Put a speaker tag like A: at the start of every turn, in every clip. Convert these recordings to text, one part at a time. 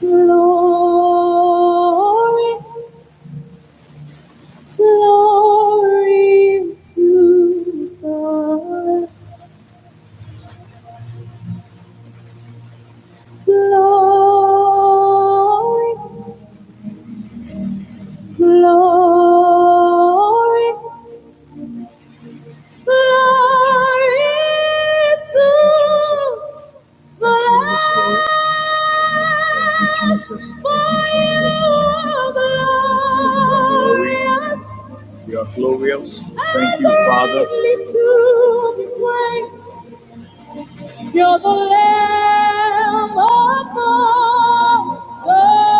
A: Glory, glory to God. Glory, glory, glory to the Lamb. For you are glorious. You are glorious. Thank you, Father. You're the Lamb upon the throne.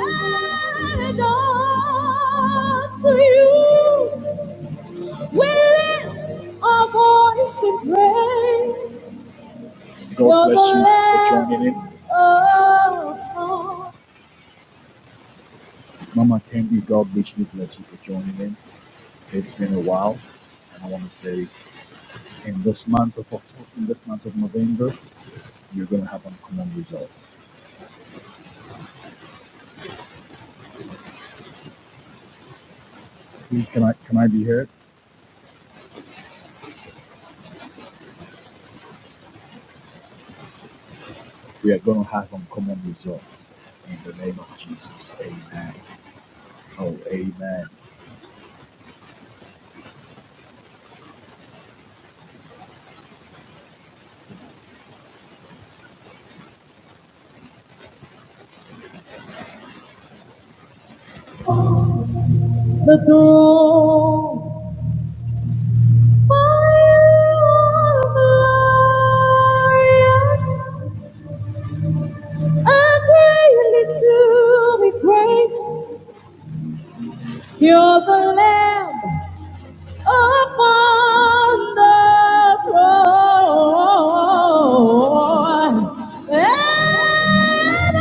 A: And unto you we lift our voice in praise. God bless you for joining in. Upon the throne. For you are glorious. are greatly to be praised. You're the Lamb upon the throne. And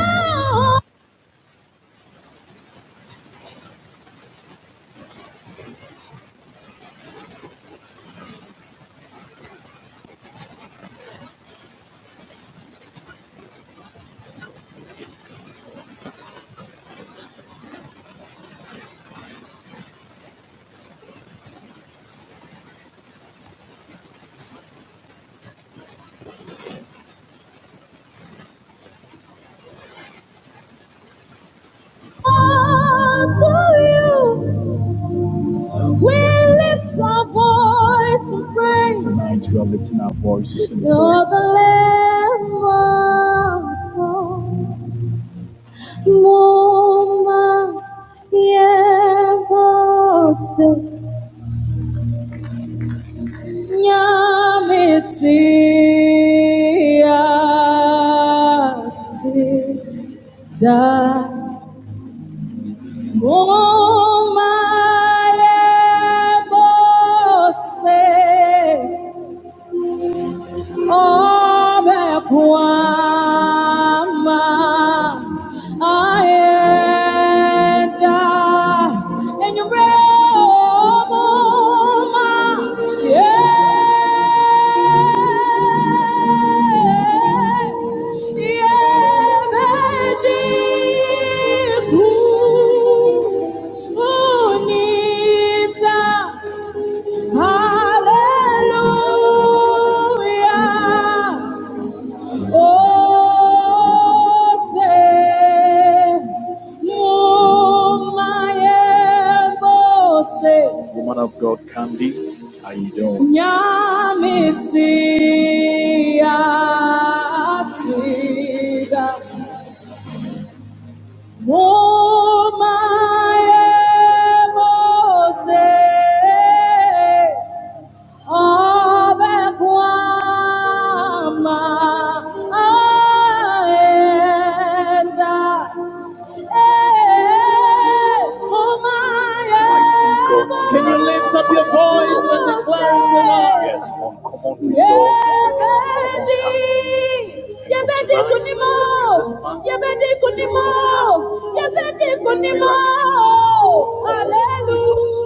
A: all to you we lift our voice and praise. Tonight we are lifting our voices and praise. You're the Lamb upon the throne. Moma yevose nyamiti asi da moma yevose Oh, be a queen, I am. And you bring home my yeah. Yeah, baby, you're my only one. Hallelujah. Oh, say, oh, my Woman of God, Candy, how you doing? Nyamiti asida, oh, my Ọbẹ̀ kwa ma aenda. Eh, oh my Yebedi, yebedi kunimo, yebedi kunimo, yebedi kunimo. Hallelujah.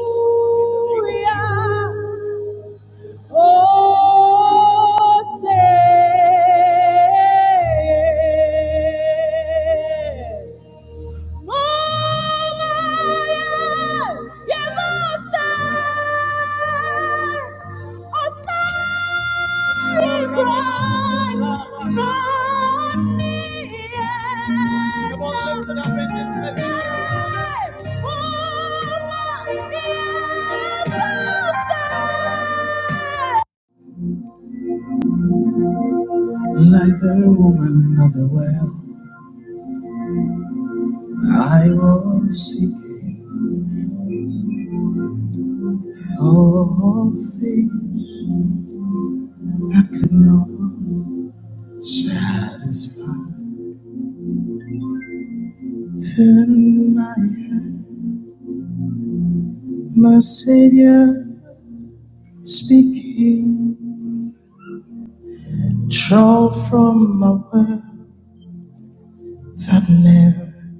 A: Oh, say, Mama, you must say, oh, say, cry, not me. Come on, lift it up in this place. Mama, you must say. Like the woman at the well, I was seeking for things that could not satisfy. Then I heard my Savior speaking, draw from a well that never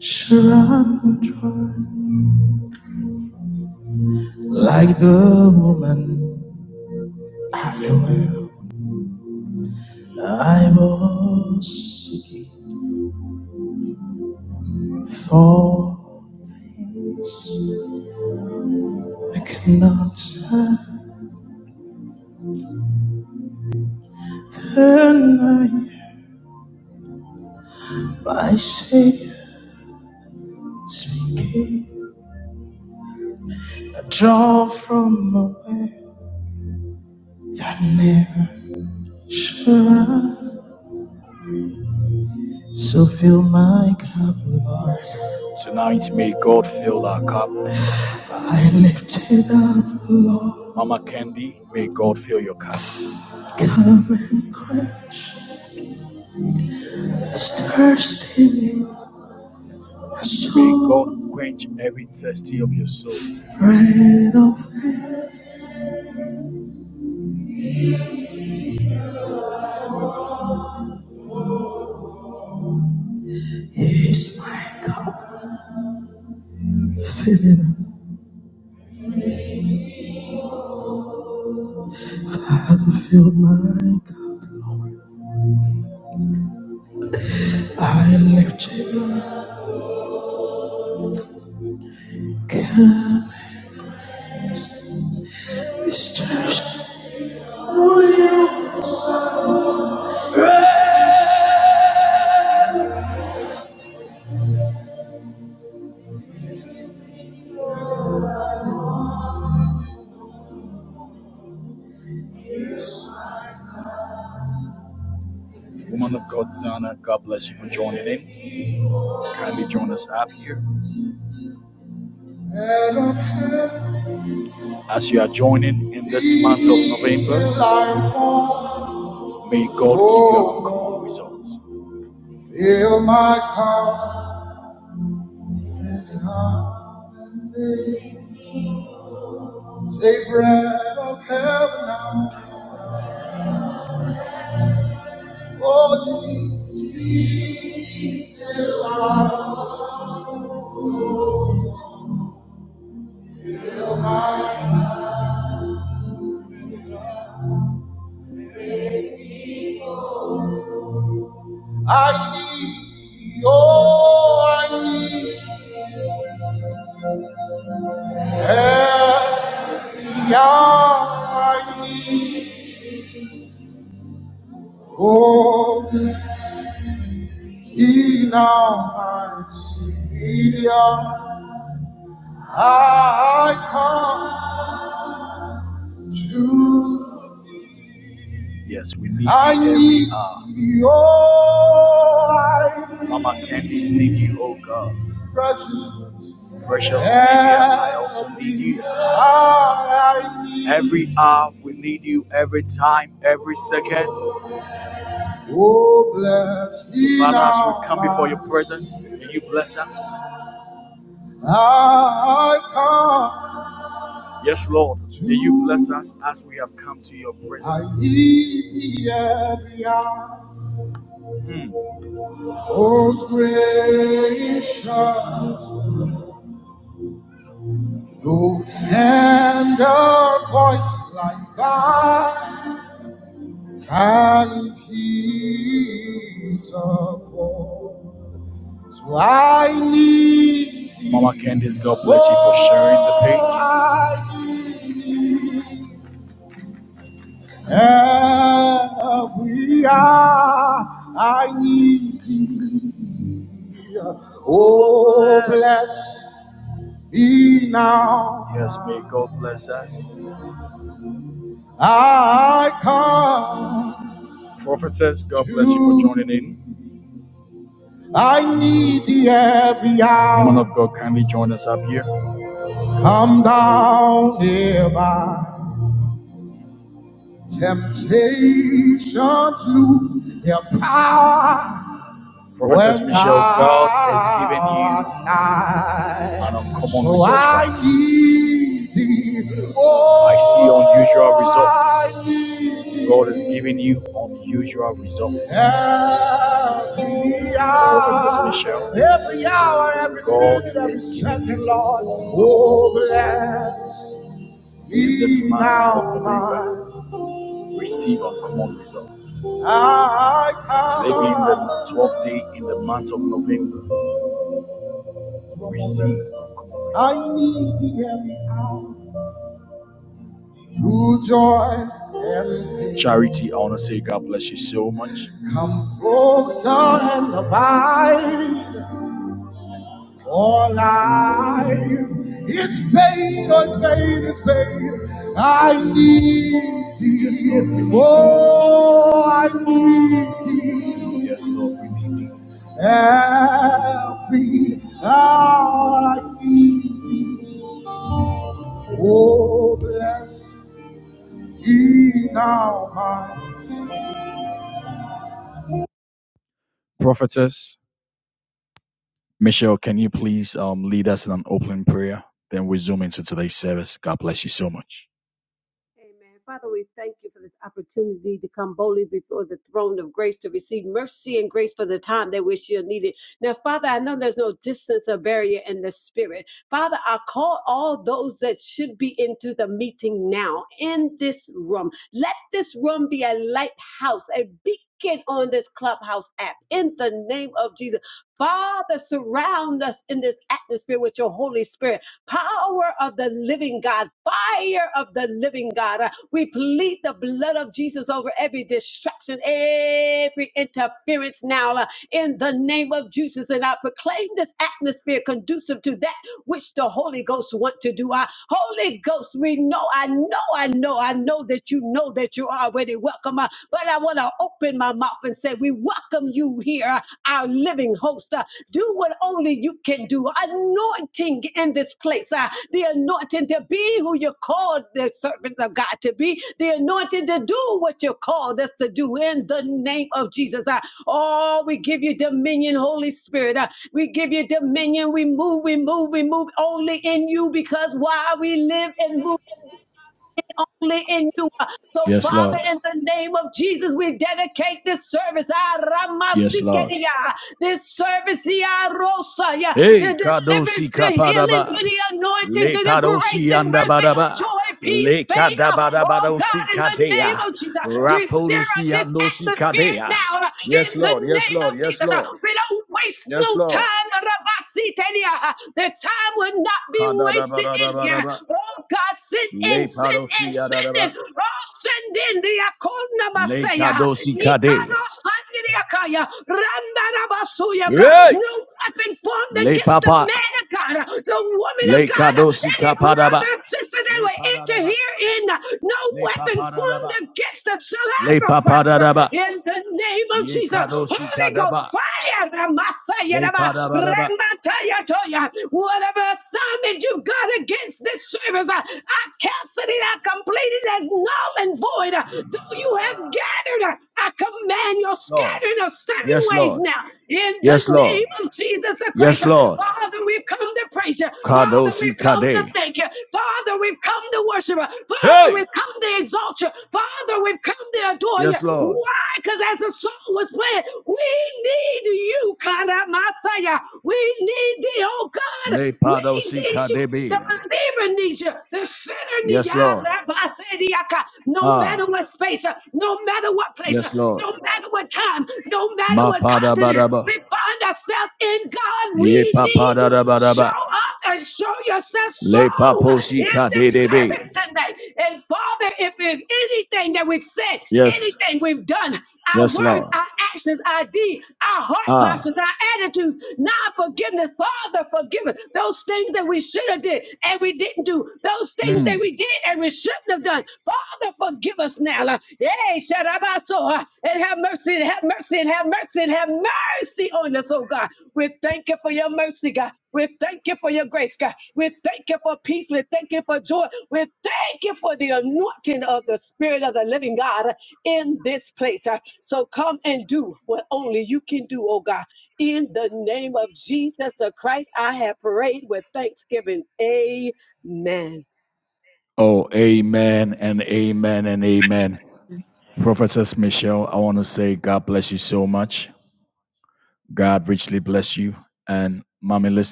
A: shall run dry. Like the woman at the well, I was seeking for. I cannot deny my Savior speaking. I draw from a well that never shall run. So fill my cup, Lord. I lift it up, Lord. It's thirsty in my soul. Bread of heaven is my cup. Fill my cup. Lifted cup is thirsty. Only you, bread of heaven, I want. Fill my coffin now. Take bread of heaven now. Oh Jesus, feed me till I, I need thee. Oh, I need every hour I need. Oh, bless me now, my Savior. I come to. Thee, Oh, I. precious. All I need, oh bless me. I come, I need thee every hour. Most gracious, no tender voice like thine can peace afford. So I need thee, I need thee. Every hour I need thee. Oh, bless me now. I come. I need thee every hour. Come down nearby. Temptations lose their power. I need thee. Oh, I need every hour. Every hour, every minute, every second, Lord. Oh, bless me. I, I, I need thee every hour. Through joy and pain, come closer and abide. For life is vain, oh, it's vain, it's vain. I need thee. Oh, I need thee. every hour I need thee. Oh, bless ye now my soul.
B: Amen. Father, we thank you for this opportunity to come boldly before the throne of grace to receive mercy and grace for the time that we shall need it. Now, Father, I know there's no distance or barrier in the spirit. Father, I call all those that should be into the meeting now in this room. Let this room be a lighthouse, a beacon on this clubhouse app in the name of Jesus. Father, surround us in this atmosphere with your Holy Spirit power of the living God, fire of the living God. Uh, We plead the blood of Jesus over every distraction, every interference now uh, in the name of Jesus. And I proclaim this atmosphere conducive to that which the Holy Ghost want to do. Uh, Holy Ghost, we know, I know, I know, I know that you know that you're already welcome. Uh, but I want to open my mouth and say, We welcome you here our living host. Uh, do what only you can do. Anointing in this place, uh, the anointing to be who you called the servant of God to be, the anointing to do what you called us to do in the name of Jesus. Uh, oh, we give you dominion, Holy Spirit. Uh, we give you dominion. We move, we move, we move only in you because why we live and move only in you. So, Father, in the name of Jesus, we dedicate this service, ah, this service, ah, yeah, to deliverance, to healing, to the anointed, to the grace and mercy, joy, peace, faith. ah, Oh, God, in the name of Jesus, we stir up this atmosphere now ah, in the name of Jesus. ah, We don't waste no time. The time will not be wasted in here. Oh, God, send in sit in, sit in. Oh, send in the Akuna Masaya. Nikano Sangiriakaya. Randarabasuyaka. No weapon formed against the man of God, the woman of God, any brother and sister that were into In No weapon formed against us shall ever prosper. In the name of Jesus, Holy Ghost, fire, Ramasaya, Rama, Remataya, Toya. whatever assignment you got against finished this service. I, I canceled it. I completed it as null and void. Uh, Though you have gathered, uh, I command your scattering of seven ways now. In the name of Jesus the Christ, Uh, Father, we've come to praise you. Father, we've come to thank you. Father, we've come to worship you. Father, we've come to exalt you. Father, we've come to adore you. Why? Because as the song was playing, we need you, God, our Messiah. We need thee, oh God. We need you. The believer needs you. The sinner needs you. Ah, No matter what space, uh, no matter what place, uh, no matter what time, no matter what continent, we find ourselves in God. We need you. Show up and show yourself strong in this service tonight. And Father, if there's anything that we've said, anything we've done, our words, our actions, our deeds, our heart postures, our attitudes, non forgiveness. Father, forgive us those things that we should have did and we didn't do, those things that we did and we shouldn't have done. Father, forgive us now. Like, Hey, Shadabaso, uh, and have mercy, and have mercy, and have mercy, and have mercy on us, oh God. We thank you for your mercy, God. We thank you for your grace, God. We thank you for peace. We thank you for joy. We thank you for the anointing of the Spirit of the living God in this place. Uh, So come and do what only you can do, oh God. In the name of Jesus the Christ, I have prayed with thanksgiving. Amen.
C: Amen.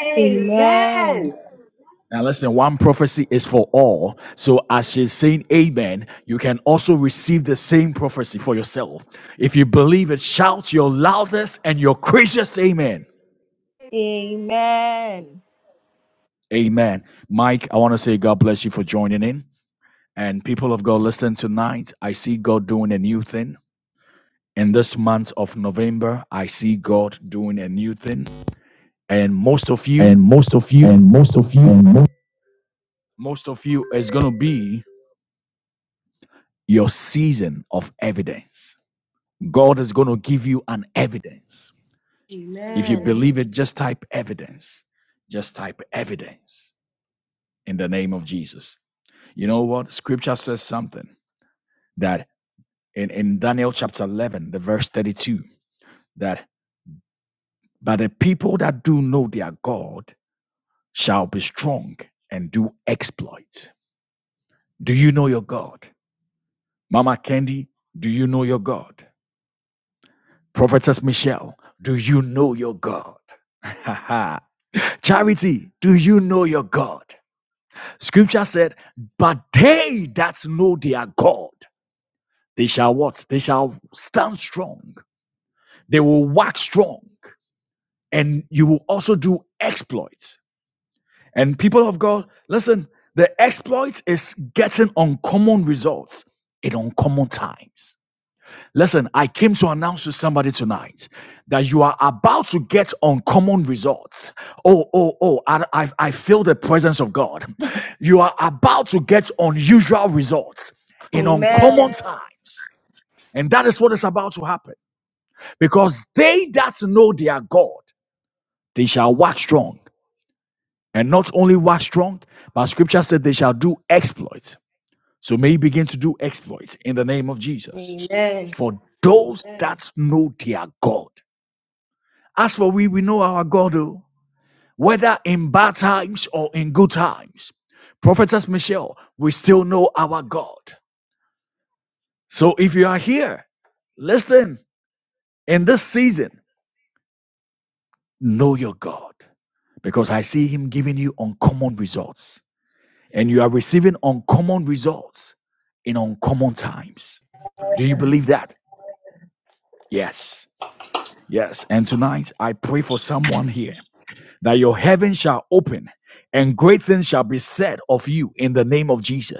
B: Amen. Amen.
C: Amen. Amen. Amen. Amen.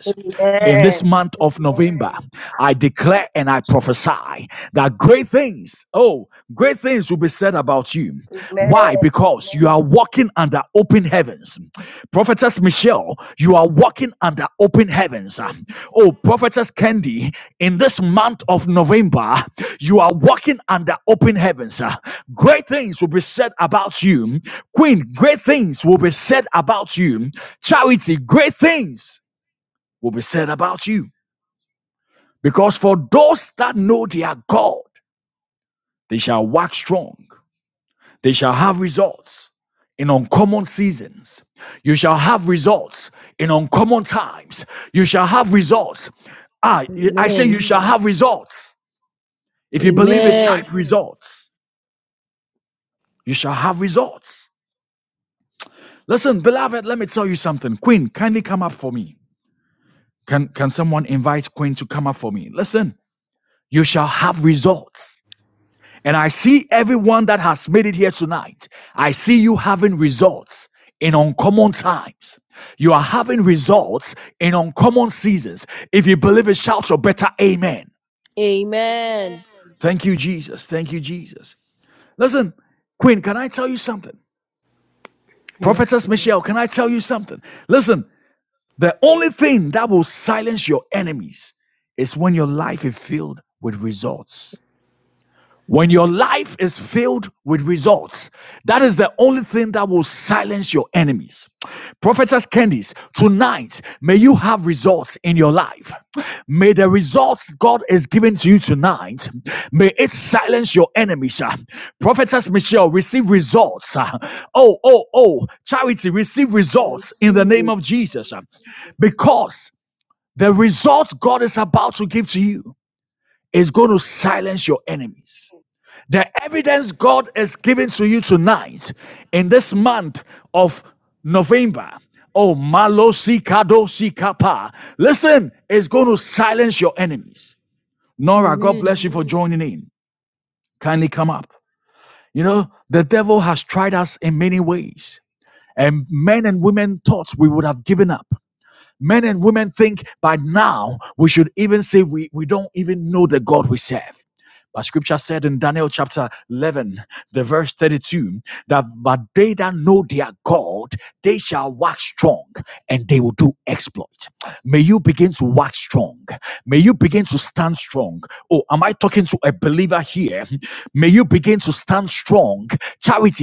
C: Amen. Amen. Amen. Amen. Amen.
D: Yeah.
C: I receive it. Amen.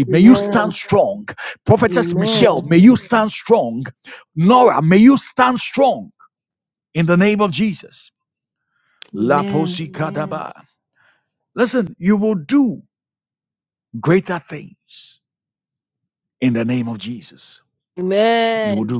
C: Amen. Amen. Amen. Amen.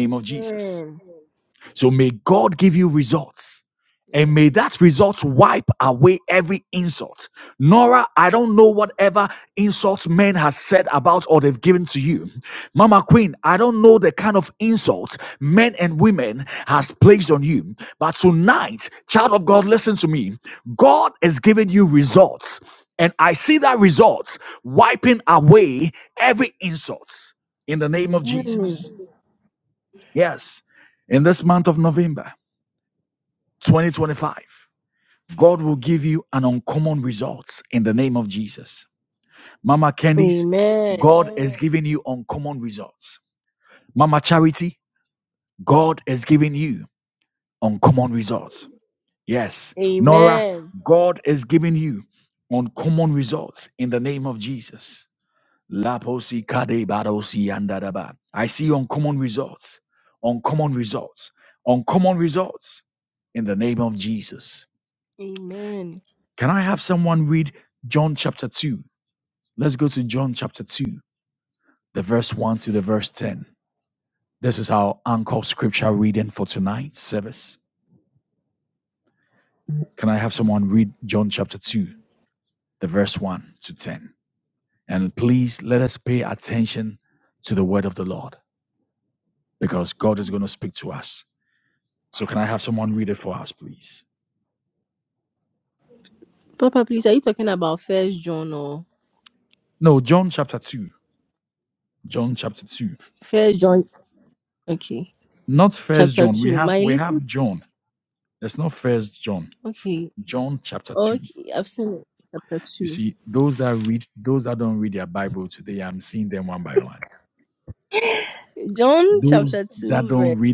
C: Amen. Yes. Amen. Amen. Amen. Amen. Papa, please, are you talking about First John or First John? Okay. Chapter 2. My little. Okay. Okay. I've seen it. Chapter 2. John chapter 2, verse.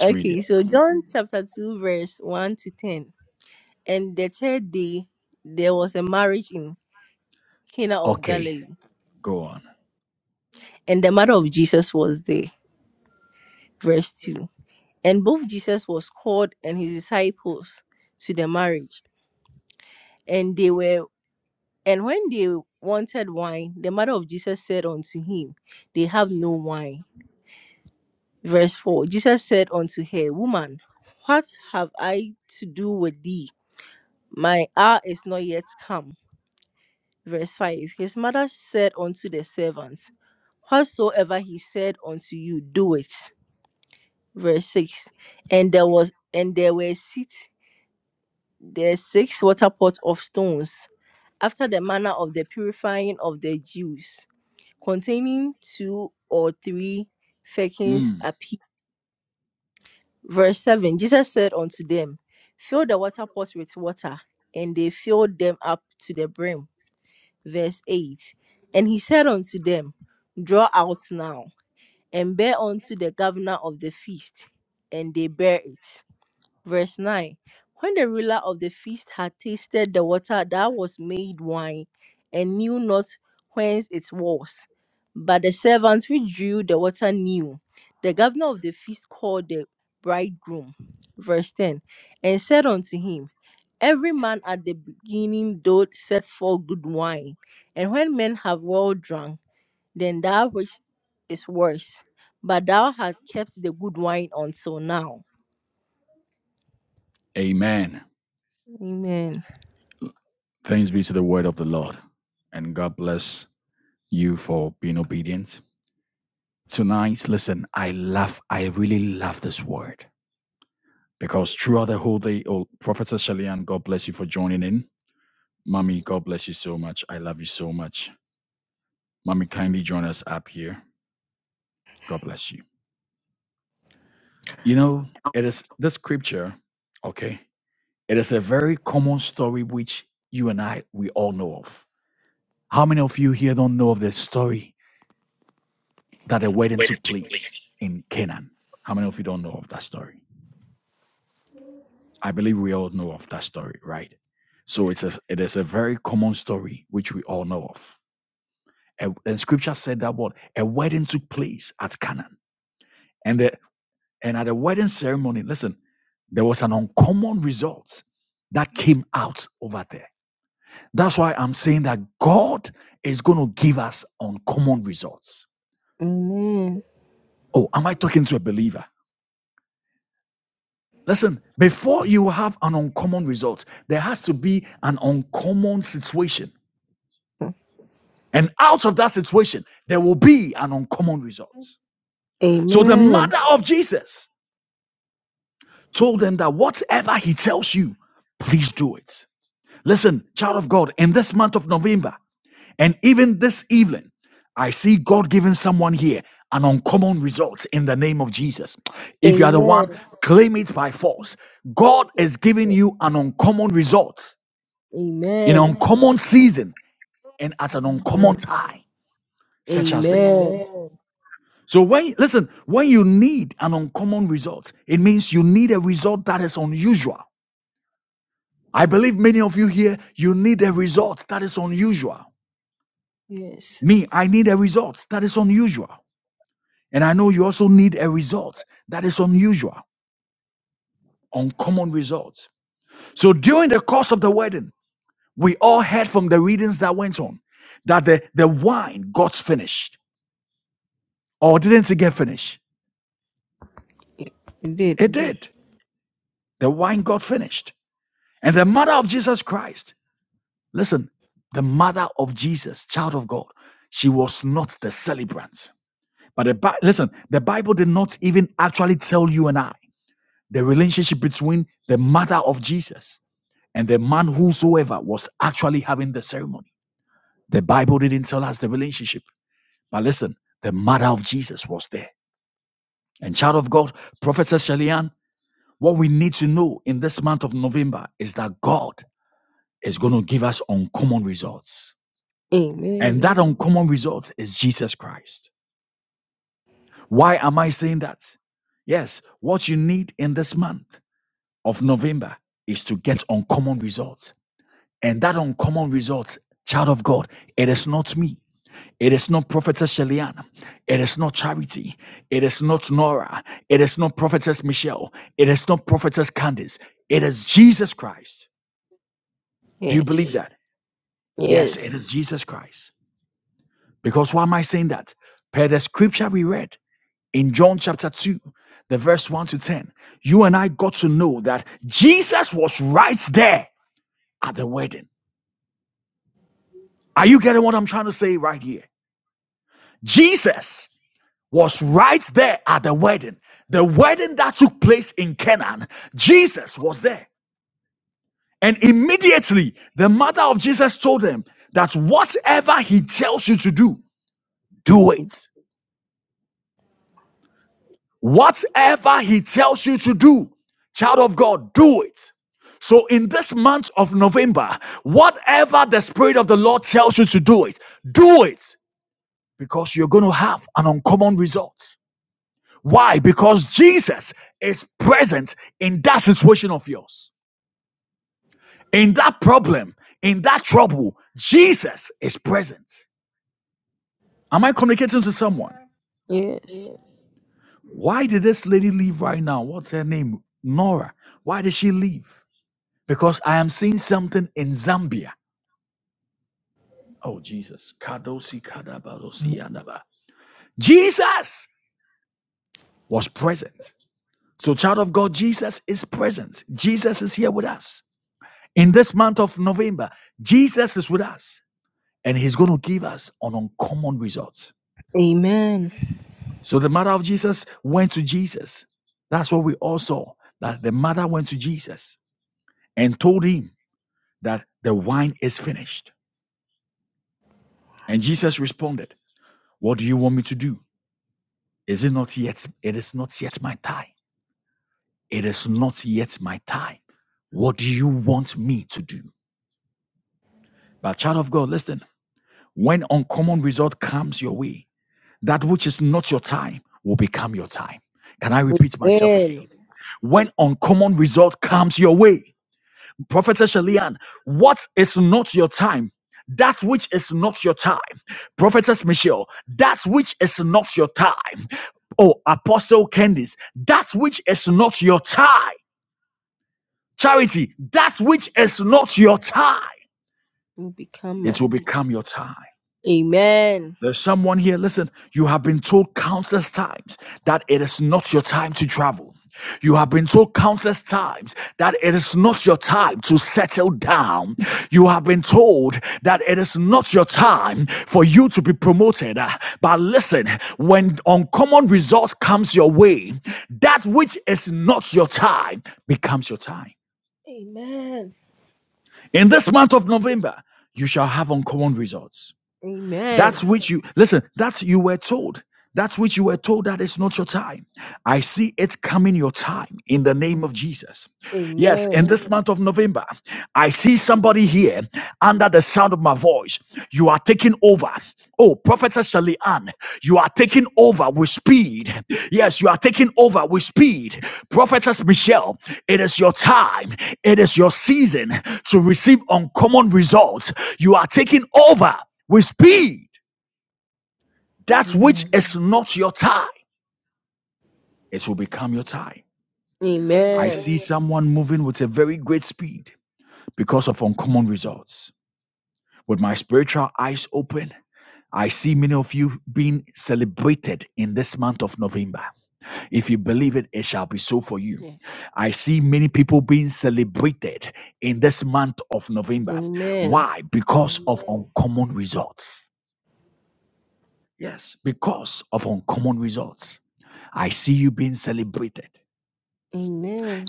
C: Okay. So, John chapter 2, verse 1 to 10. And the third day, there was a marriage in Cana of Galilee, and the mother of Jesus was there. Verse 2. And both Jesus was called and his disciples to the marriage. And they were. And when they wanted wine, the mother of Jesus said unto him, They have no wine. Verse 4 Jesus said unto her, Woman, what have I to do with thee? My hour is not yet come. Verse 5 His mother said unto the servants, Whatsoever he said unto you, do it. Verse 6 And there was and there were six there six water pots of stones, after the manner of the purifying of the Jews, containing two or three firkins apiece. Verse 7 Jesus said unto them, Fill the water pots with water, and they filled them up to the brim. Verse 8 And he said unto them, Draw out now, and bear unto the governor of the feast. And they bear it. Verse 9 When the ruler of the feast had tasted the water that was made wine, and knew not whence it was, but the servants who drew the water knew, the governor of the feast called the bridegroom. Verse 10 And said unto him, Every man at the beginning doth set forth good wine, and when men have well drunk, then that which is worse. But thou hast kept the good wine until now. Amen. Amen. Amen. Amen. Amen. Amen. Amen. Yes. You did. Amen. Yes. Yes. Yes. Amen. Amen. You become might. Amen. Amen. Amen. Amen. Amen. Amen. Yes. Amen. Amen.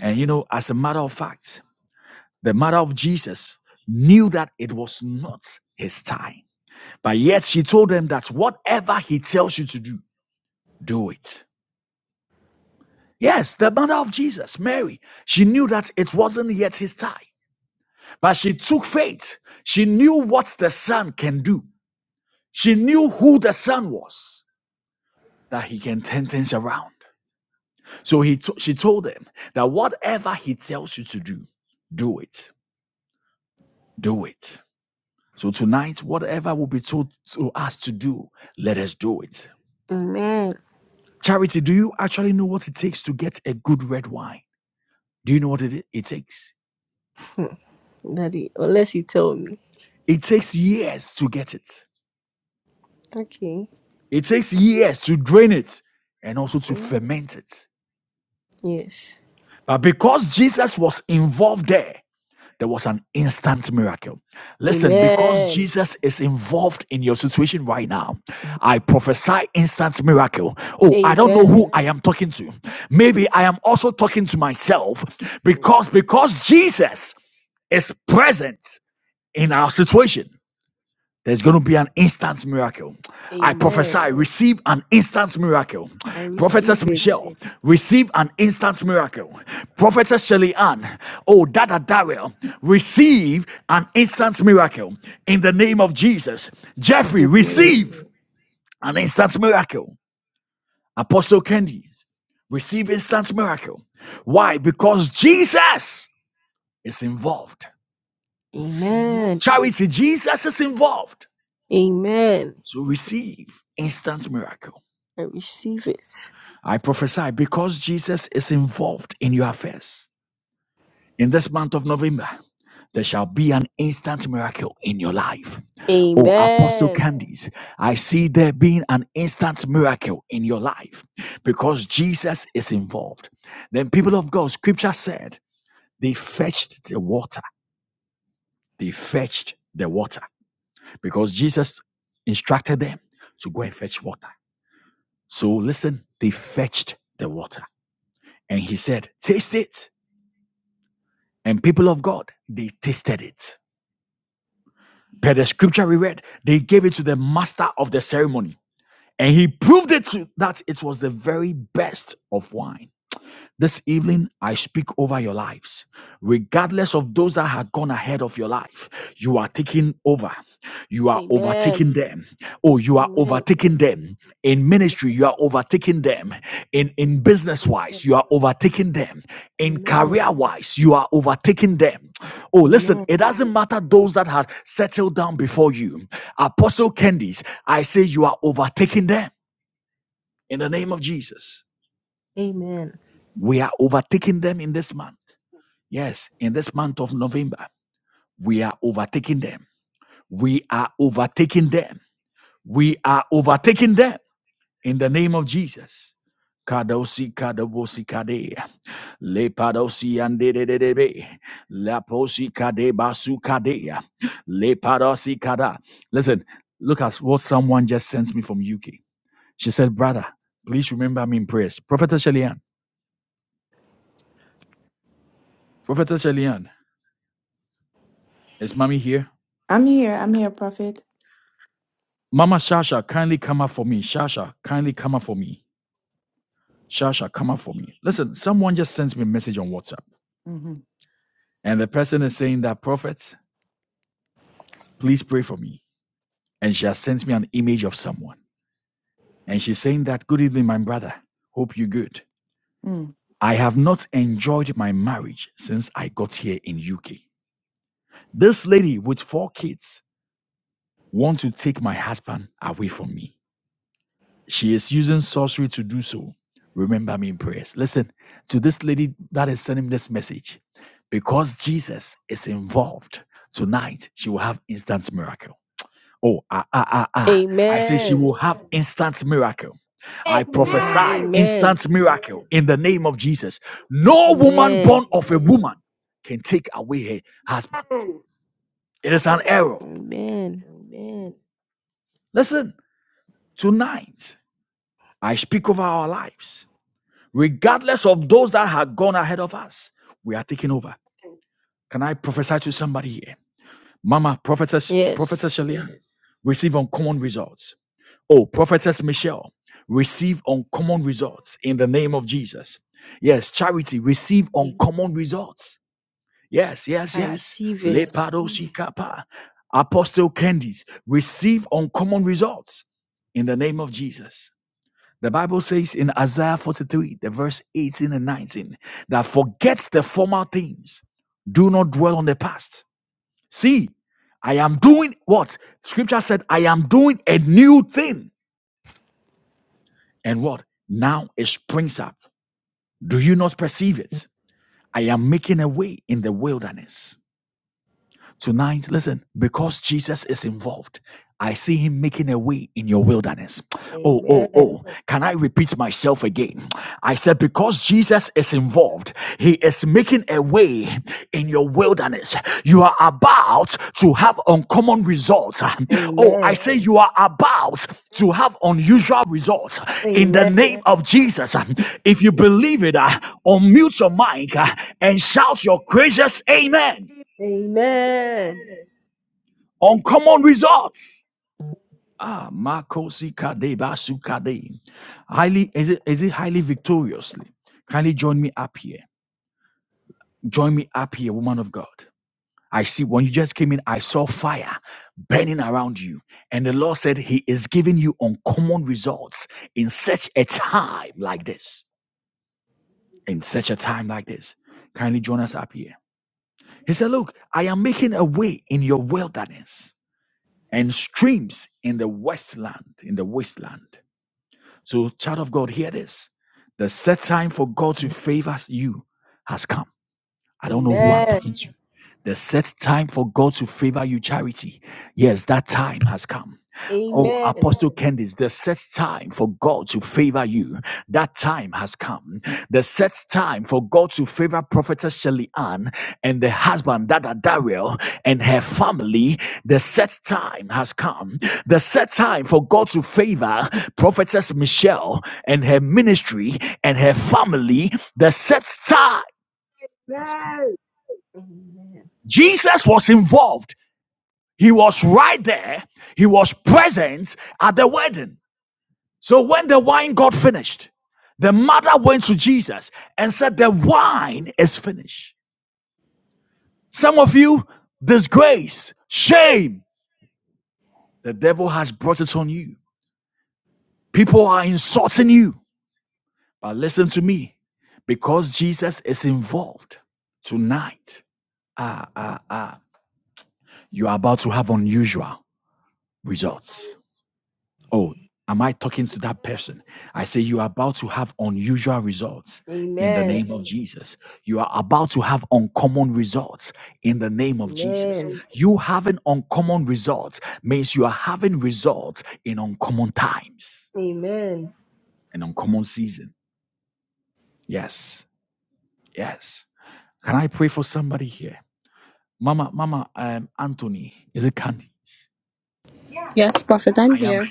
C: Amen. Daddy, unless you tell me. Okay. Yes. Amen. Amen. Amen. I receive it. Amen. Amen. Amen. I receive it. Amen. Amen. Amen. Amen. Amen. Amen. Amen.
E: I'm here. I'm here, Prophet. Mm.
C: Amen.
E: Amen.
B: Amen.
C: Amen. Amen.
B: Amen.
C: Amen. Yes. I receive it. Amen. Amen. Amen. Amen. Amen. Amen. Amen.
B: Amen.
C: Amen. Amen.
B: And
C: Amen. Amen.
F: Yes, Prophet, I'm here.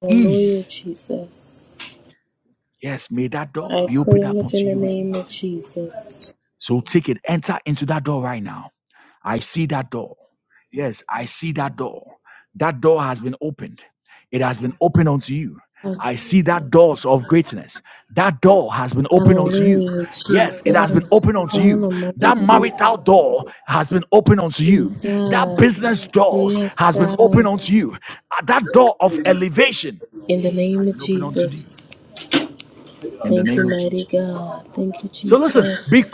F: Hallelujah, Jesus. I claim it in the name of Jesus. Hallelujah, Jesus. Down on my baby, Jesus. Yes, God. In the name of Jesus. Thank you, mighty God. Thank you, Jesus.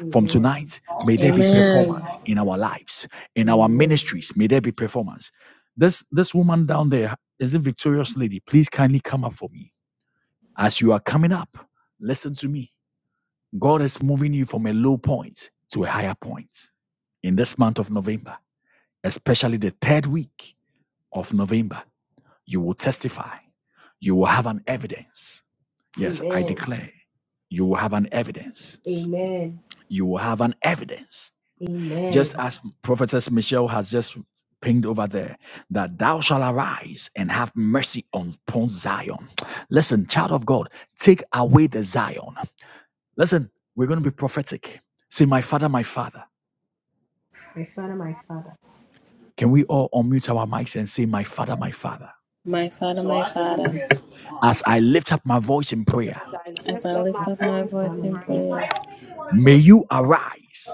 C: Amen.
F: Amen.
C: Amen. Amen. Amen. Amen. My father, my father,
F: My Father, my
C: Father, my
F: Father,
B: As I
F: as
B: lift
F: I
B: up my
F: lift
C: father,
F: up my
C: My
B: voice
F: voice
B: in
C: father,
F: in
C: my
B: prayer,
C: voice
F: prayer,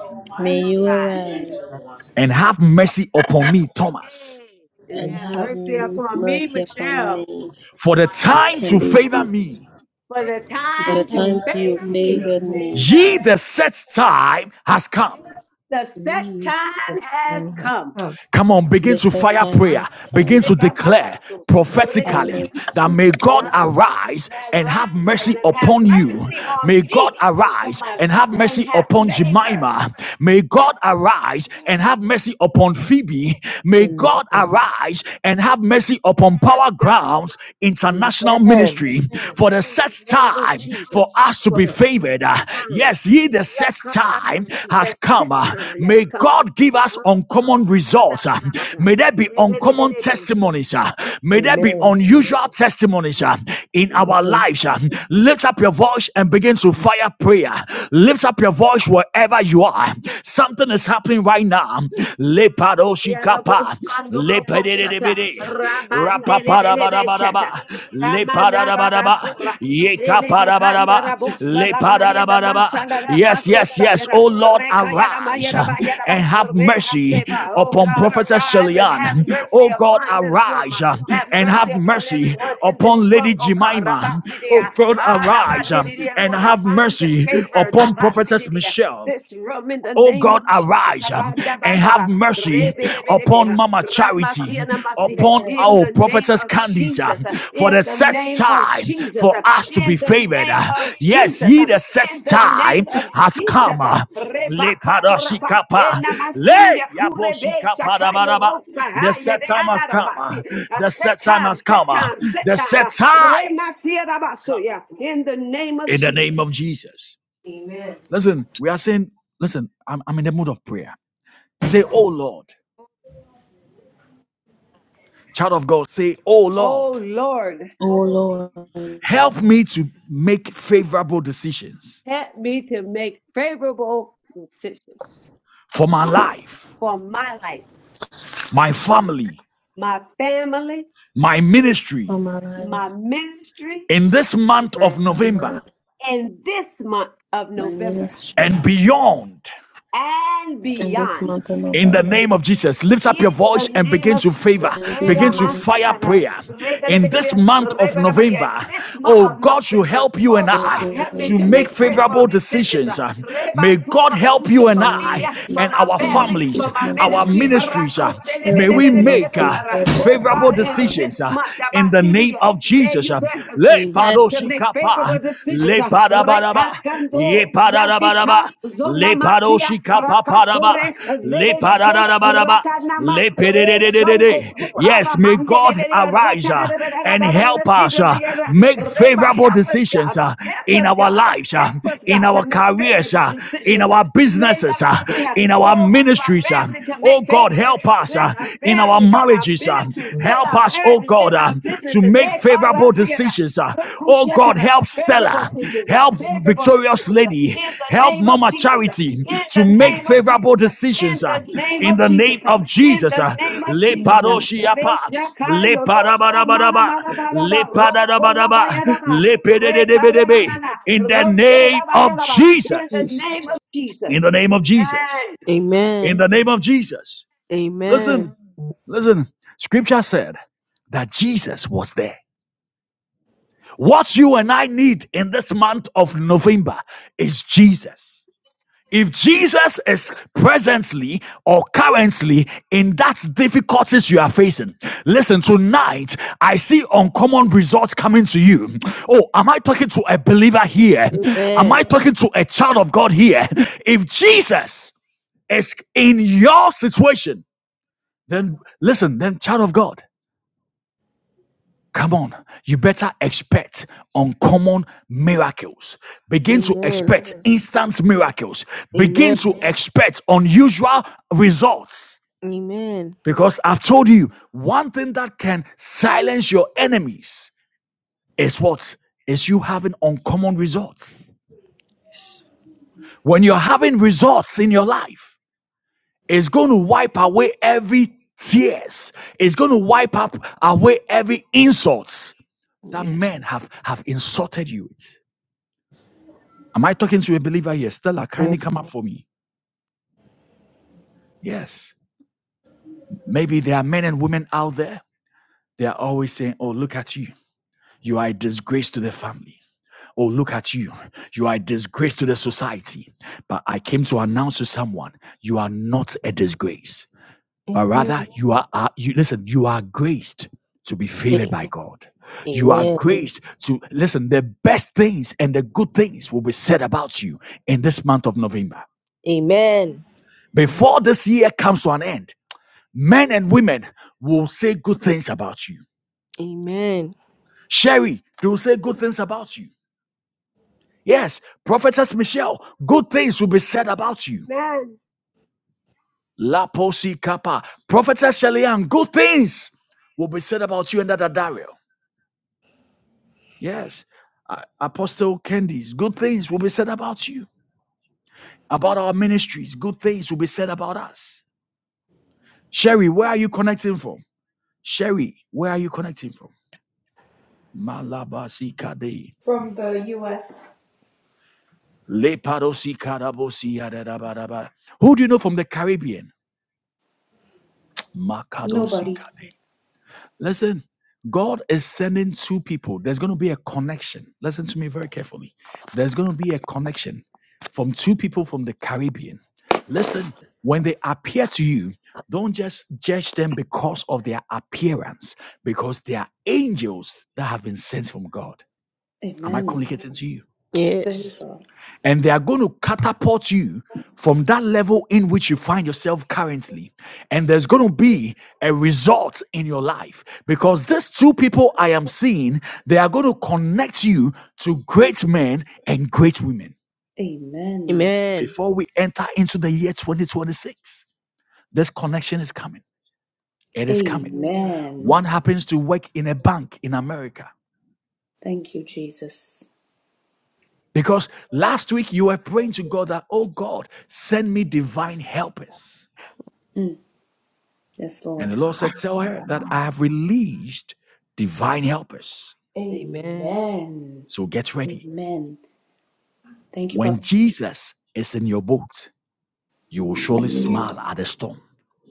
B: may you
F: may you
B: arise.
C: Father,
F: arise
B: Yay. And
F: and
C: and
B: have
F: have
C: have
B: mercy
F: m-
C: mercy
B: upon
C: to
B: me,
F: mercy upon
B: Michelle,
F: me. Can they see?
B: for the
C: the
F: For the
B: time to
C: time
F: times you
B: favor
C: you give
B: me.
F: favored
C: heaven
F: me,
B: The
C: to
B: set
C: me. The
B: time has
C: time has
B: come.
C: come.
F: the set time has
B: Ah,
F: come.
B: repapapato,
F: Hallelujah,
B: redakata.
F: Jesus.
B: God, have rise and have mercy on me for my and have favor.
C: Amen.
B: Ask God
C: Amen.
B: in the name of Jesus for a set time. Yakatamashu, The set time has come.
C: Amen. Amen.
B: Yarabos Pandora Foxata, Rabandele Belebeshata, Ramana Rabasura, Lelebekanda Raboska Lamaya Lamasala Kadrosa Yada, Rekayada Mayada Bayada, Rekambeva, oh God, arise and have mercy upon this woman, have mercy upon everyone in this room, oh God, Rabasidia, Ah, Rabasidia, for the time to favor, Rabasidia, this room in the name of Jesus. Abadabadaba, rebelebelebeha, ramasianamasia, In the name of Jesus, in the name of Jesus, in the name of Jesus, in the name of Jesus, Rebakato Rabate Namasuya Kurebe Shakayo Rosa Haya de Anarabasi, Set time, set time. Rematia Rabasuya, in the name of Jesus.
C: Amen.
B: Oh Lord.
F: Oh Lord,
B: Help me to make favorable decisions for my life, my family,
F: for my life,
B: my ministry,
F: my family,
B: and this month of
F: my
B: November
F: ministry
B: and
F: in this
B: beyond.
F: month of November
B: In the name of Jesus.
F: and beyond,
B: Eramasatara, rebedebedebeya, and This month of November, oh
F: in the
B: God,
F: name
B: help me
F: of
B: to make
F: Jesus,
B: prayerful decisions. Rebasura
F: in
B: kushe
F: the
B: For
F: name
B: me,
F: of
B: for
F: Jesus,
B: my
F: in
B: family, for
F: this
B: my
F: month of
B: ministry.
F: November, help me to make
B: Karakoselebelebelebedebeya.
F: favorable
B: Oh God, and this
F: decisions.
B: month, Dabasibidiya, may you grant us grace
C: Amen.
B: uh,
C: Amen.
B: to make favorable decisions. Rekakando, Yantika, Radia Rakasure Zeleleke Ratanama Rechonko Bukara Mandelele Ratanada Reba help us God help us God help us God to make favorable decisions uh, Lelabasiya. oh help my family to make favorable decisions in our family in our ministries in our marriages in our businesses Eh, Karasiya. Rekushata, Favorable teachers, uh, favorable decisions uh, in the name of Jesus, uh, in the name of Jesus, uh, in the name of Jesus, uh, in the name of Jesus.
C: Amen.
B: uh, Reshakayo Rosa Mana Mana Baraba Rokola Bayaraba Rekayanana Roshela Bayaraba in the
C: Jesus.
B: name of Jesus. Amen.
C: Amen. Amen. Amen. Amen. Amen. Amen. Yes. Amen. A- Amen. Amen. Amen.
G: from the U.S. Nobody. Amen. There we
C: Yes.
G: go. Amen.
C: Amen. Amen.
G: Amen. Thank you, Jesus. Mm. Yes, Lord.
C: Amen.
G: Amen. Amen. Thank you, Prophet.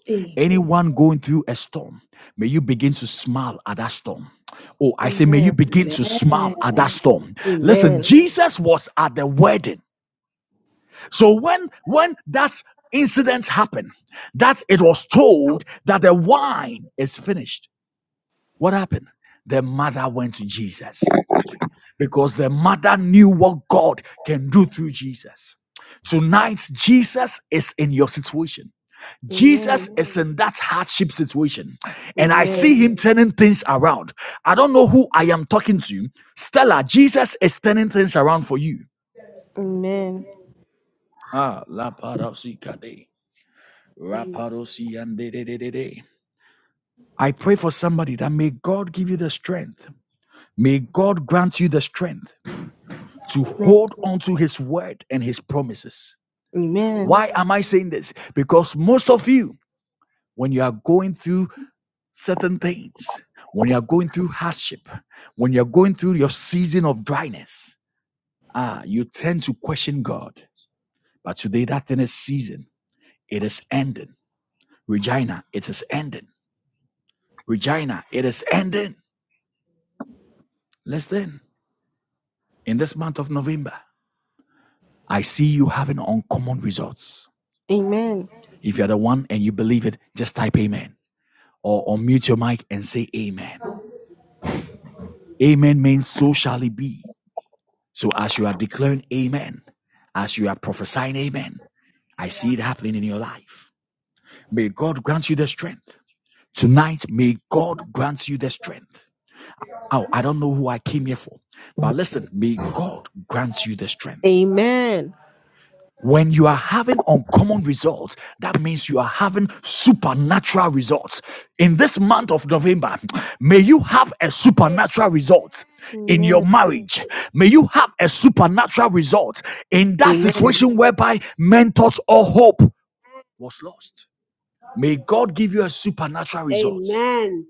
G: Amen.
C: Amen. Amen. Amen. Amen.
H: and
C: Amen. Amen.
H: who
C: Amen. Amen. Amen. Amen.
B: Amen. Amen.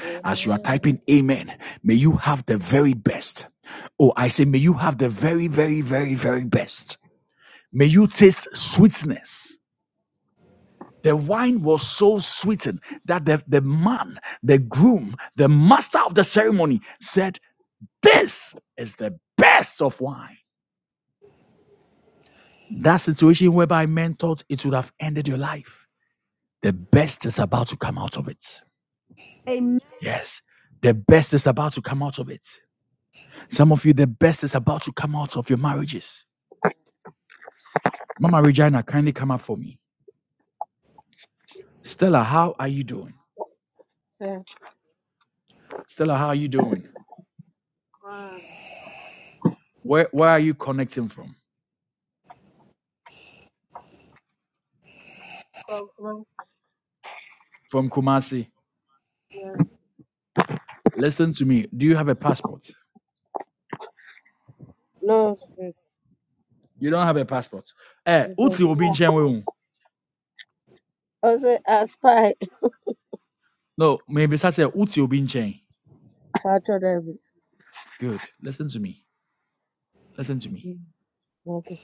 F: Amen.
B: Amen.
H: said one No, Nonsense. It was one. also a spy. Patrol every. Okay.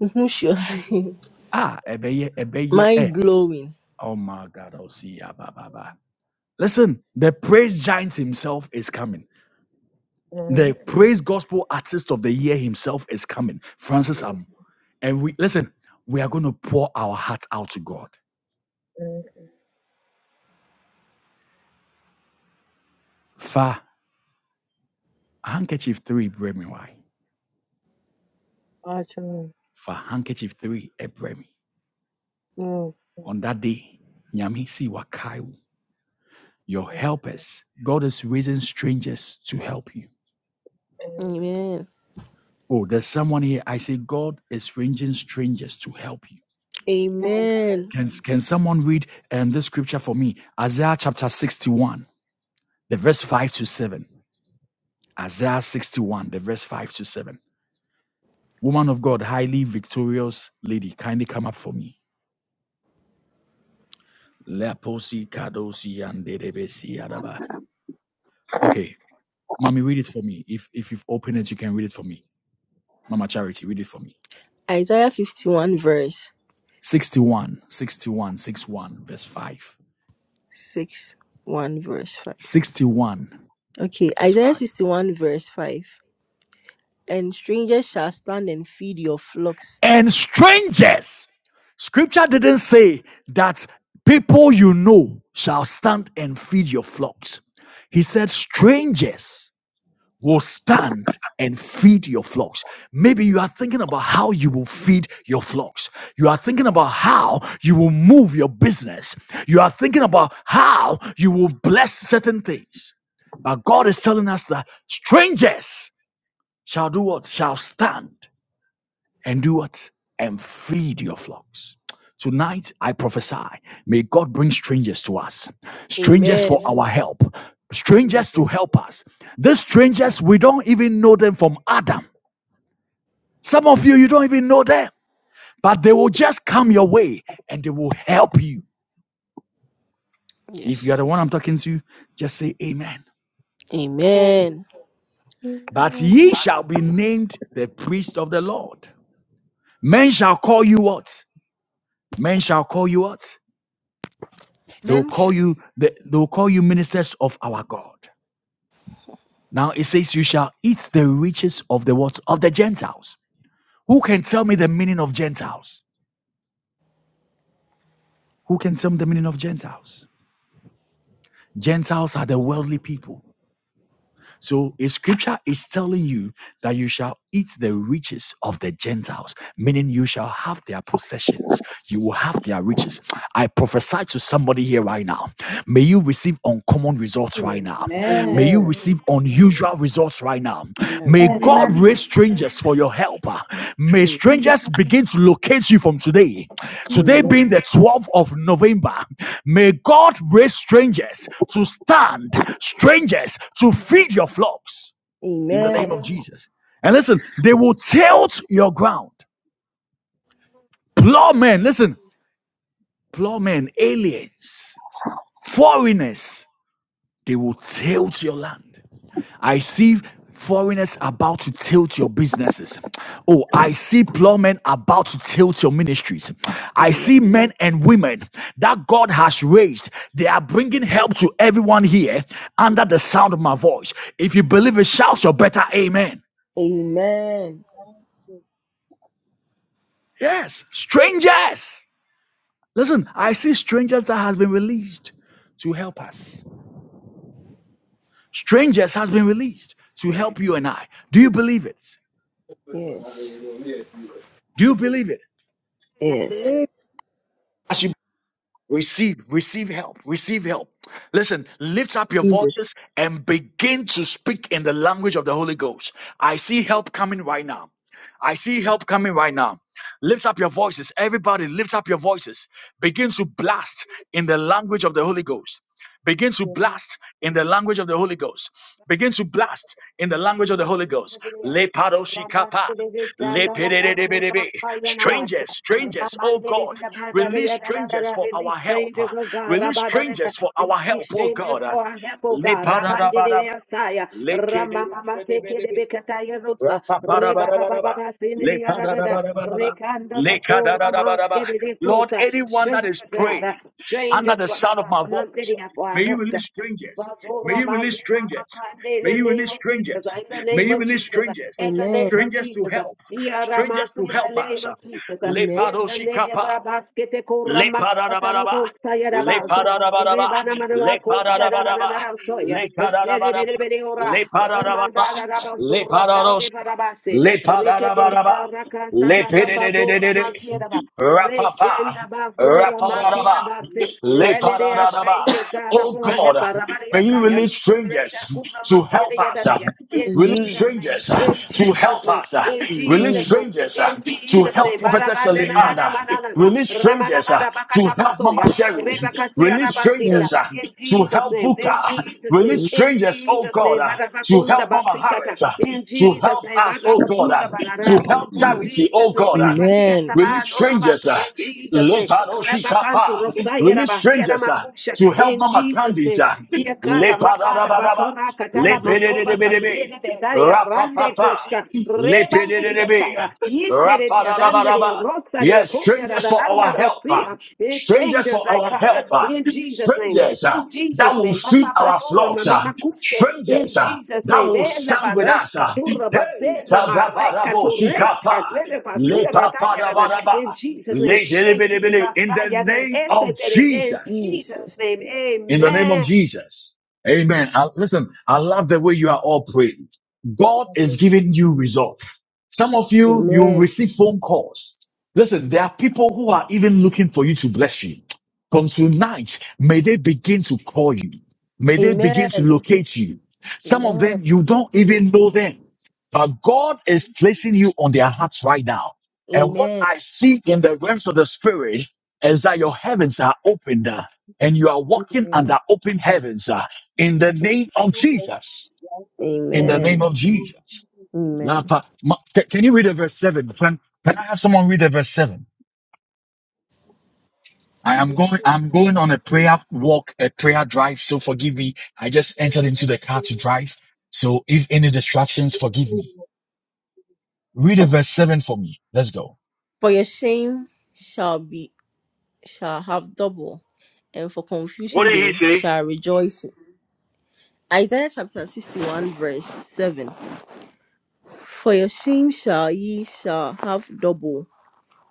C: Amen. My glowing.
H: Mm,
C: Yes.
H: mm, Patrol. No. Mm,
C: Amen.
H: mm,
C: Amen. Isaiah 51 verse 6, 1 verse 5. Okay, Isaiah 61 verse 5. And strangers shall stand and feed your flocks. Amen. Amen. Yes.
H: mm,
C: Amen.
I: Amen.
C: Amen.
G: Amen.
C: Amen. Am-
G: Amen.
I: Amen.
C: am- Amen. Amen. Amen. Amen. Yes.
B: I
C: Yes.
B: believe.
C: Jesus.
B: Release strangers, oh God, Rabadadada. release strangers for our help, oh God, Rabandidasaya, Ramama Tekebekataya Rusa, Rebababa Sindhiyada, Rekanda Sora Maske de Krusa, strangers, God, strangers for our God, not for our help, God. Vazora bazira makande In the name of Jesus, in the name of Jesus, in the name
C: Amen.
B: of Jesus, Yaramas, in the name of Jesus,
C: Amen.
B: in the name Rabaskete Koramas, Katanobosa Yarabazo, Rebana Manako, Yadanarasoya, Yerebeleora, Remanda Rabasura Kande Barabase, Rekete Rakasata Rakatora Maziera. Reshenda basura makira basi. Renere ashenges gana pua hepa rabaria kaya. Renda kubra masiria dadega. In
C: Amen.
B: Jesus' name, in Jesus' name, in Jesus'
C: Amen.
B: name, in Jesus' name. Barabanda na
C: Amen.
B: bada manana na. Ramana mada bakata bosoya. Reba katia na basira. In Jesus' name, in Jesus' name, in Jesus' name, barabakunda basikata. In Jesus' name, barabakunda barara. In
C: Amen.
B: Jesus' name, bedepatia
C: Amen.
B: saman orabasi. In Jesus' name, Rabakantu rosaya rabahia makusha. In Jesus' name, yakala makada bapora katala masora kastene bedaria rande kushka. Rebande diasaya. Andere rosaria koyara da randa rosia. Eh, Strangers I come in Jesus' name. In Jesus' name. Papa patura na mama kute. In Jesus' name. Ella, barosca turra basella marreca turresca. Zele pasira da In Jesus' name. In Jesus' name. In Jesus'
C: Jesus.
B: name. Amen.
C: Amen. Amen. Amen. Amen. Amen.
H: mm, mm,
C: Amen.
H: mm.
C: Amen.
H: Impact
C: For your shame shall be shall have double, and for confusion they shall rejoice. Isaiah chapter sixty one verse seven. For your shame shall ye shall have double,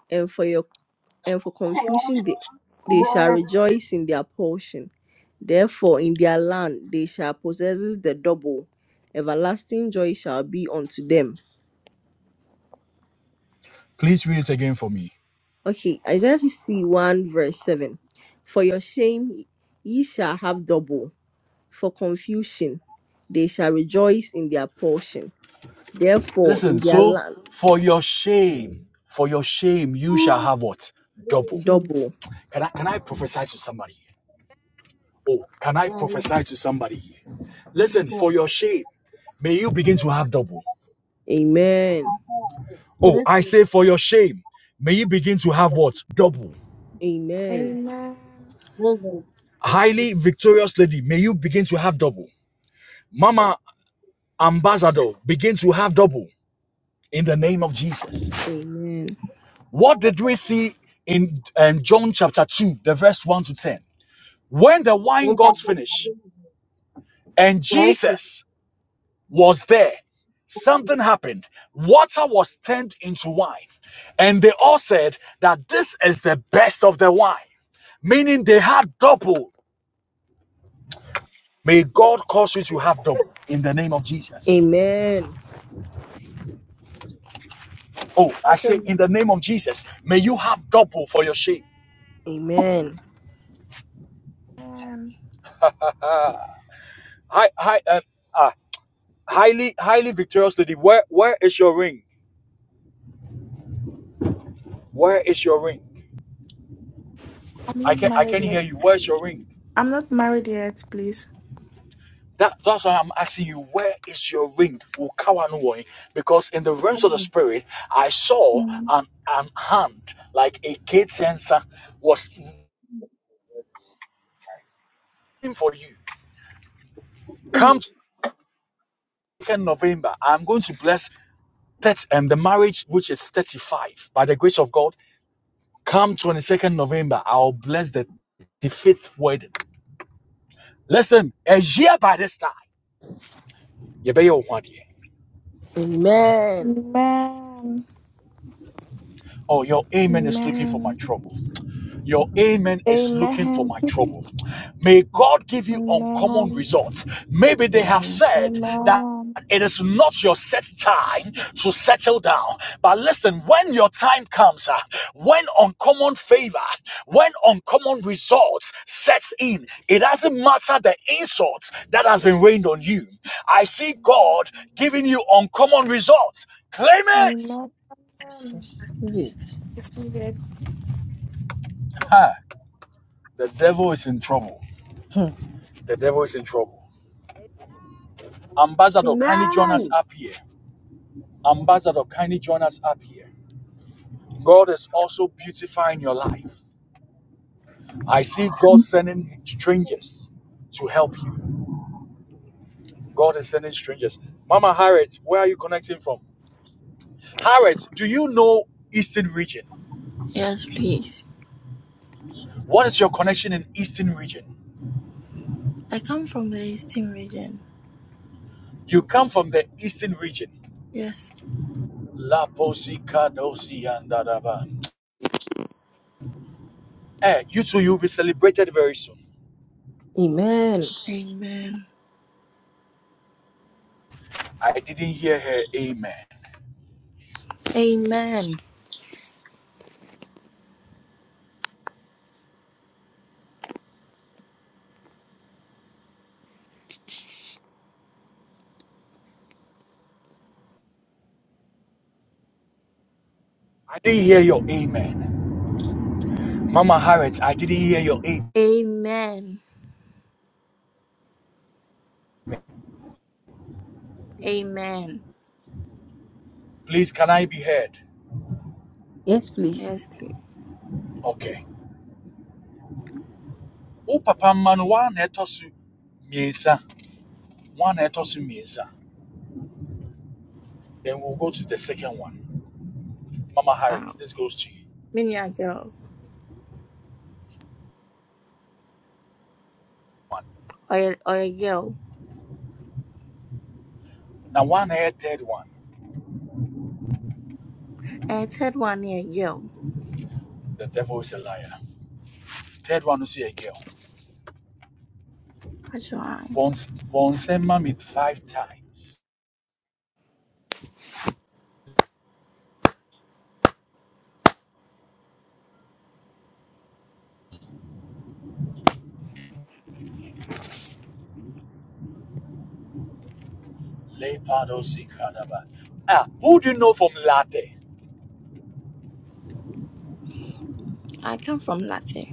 C: and for your and for confusion they, they shall rejoice in their portion. Therefore, in their land they shall possess the double. Everlasting joy shall be unto them. Okay, Isaiah 61, verse 7. For your shame ye shall have double, for confusion they shall rejoice in their portion. Therefore, in their land, double. Yes. Amen. Amen.
I: Amen.
C: Amen. Amen. Amen.
I: I'm not married yet. I'm not married yet, please. Mm.
H: of
C: Amen.
I: Amen. Amen. Amen. Amen.
C: Amen.
I: Amen. Amen.
C: Receive it.
I: I see
C: Hmm.
B: Amen.
J: Yes, please. I come from the Eastern region. Yes.
C: Amen.
J: Amen. Amen. Amen. Amen.
C: Yes, please.
J: Yes, please. Um, many a girl or a, or a girl. And I third one here, girl. That's why I come from Latte.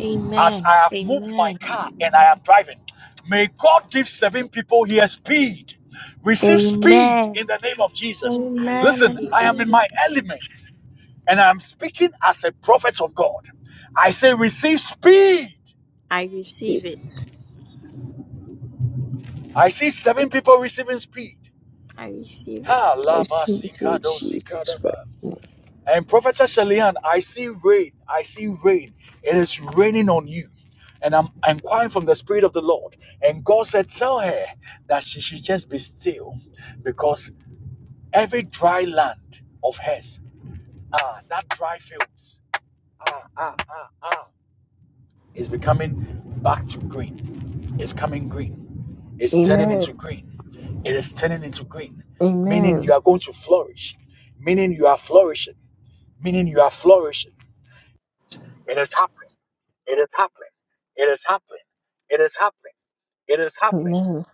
J: Amen. Amen. Amen.
I: that.
J: I
I: Amen. I
J: receive it.
I: see the
J: I receive it.
C: Shift.
J: I receive it.
C: I Receive it in Jesus Christ. name. Amen. Amen. Amen.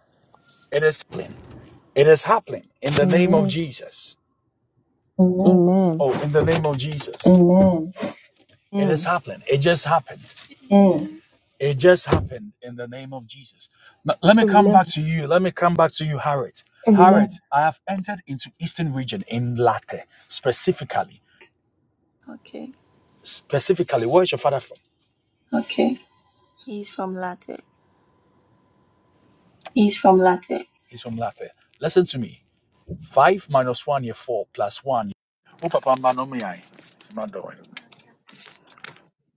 C: Amen. Amen. Amen. Amen.
J: Okay. He's from Latte.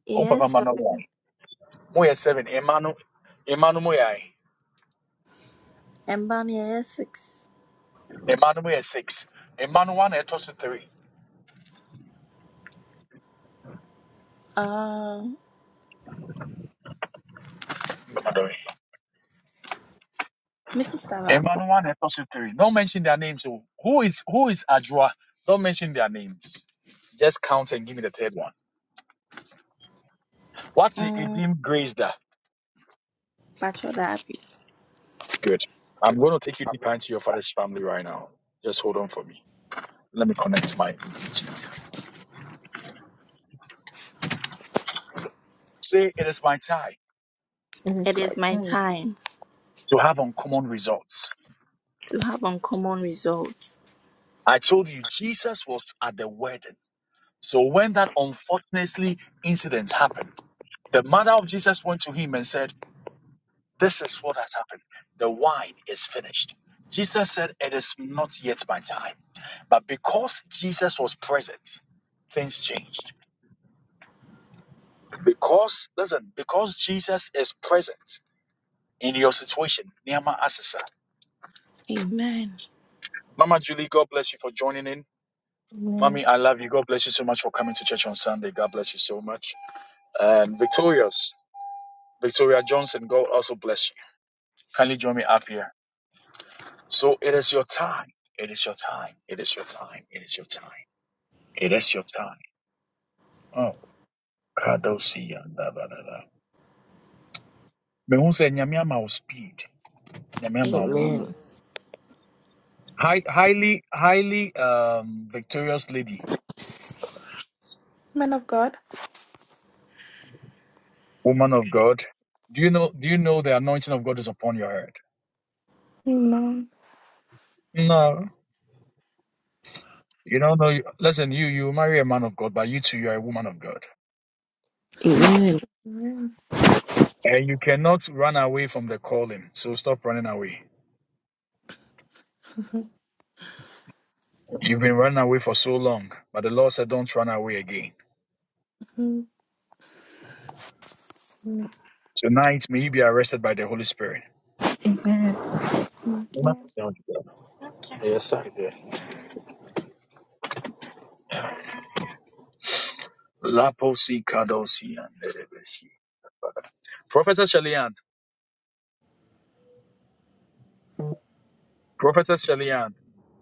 J: Yes, seven. And Bunny, yes, six. Uh, Mrs. Tavaco, mm, Bachelor Abby,
C: That
J: it
C: is
J: is
C: my
J: my
C: time.
J: time to have uncommon results. Amen.
C: Amen.
J: Amen.
C: Amen.
I: man of God. Amen.
C: Amen.
I: Amen. Amen. Amen.
C: Amen.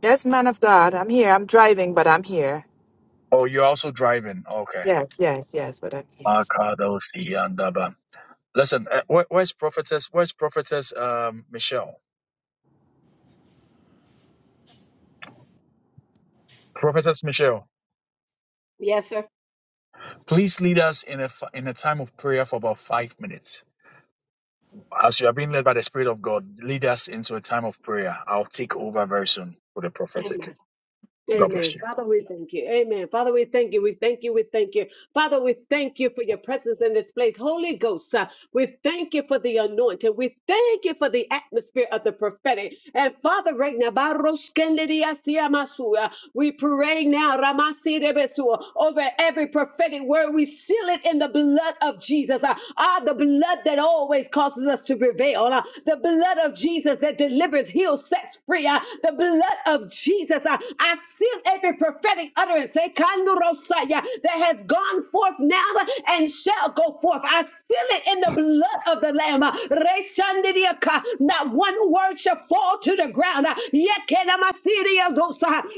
E: Yes, man of God, I'm here. I'm driving, but I'm here. Yes, yes, yes, but I'm here.
B: Amen. Amen. Father, we thank you. Amen. Father, we thank you. We thank you. We thank you. Father, we thank you for your presence in this place. Holy Ghost, uh, we thank you for the anointing. We thank you for the atmosphere of the prophetic. And Father, right now, Baroskendidiasiamasu, uh, we pray now Ramasidebesu, over every prophetic word. We seal it in the blood of Jesus. Uh, Ah, the blood that always causes us to prevail. Uh, The blood of Jesus that delivers, heals, sets free. Uh, The blood of Jesus. Uh, I seal every prophetic utterance. Eh, Kandorosaya, that has gone forth now and shall go forth. I seal it in the blood of the Lamb. Not one word shall fall to the ground. Yekenamasiria.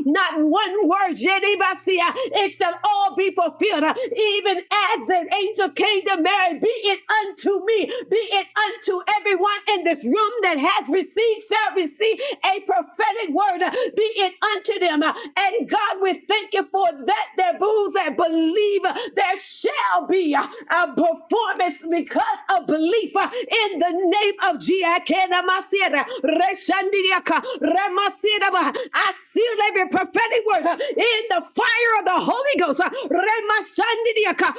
B: Not one word. Jeribasia. It shall all be fulfilled. Even as the angel came to Mary, be it unto me, be it unto everyone in this room that has received, shall receive a prophetic word, be it unto them. And God, we thank you for that that those that believe, uh, there shall be uh, a performance because of belief uh, in the name of Jesus. I seal every prophetic word uh, in the fire of the Holy Ghost. uh, Remashandidiaka,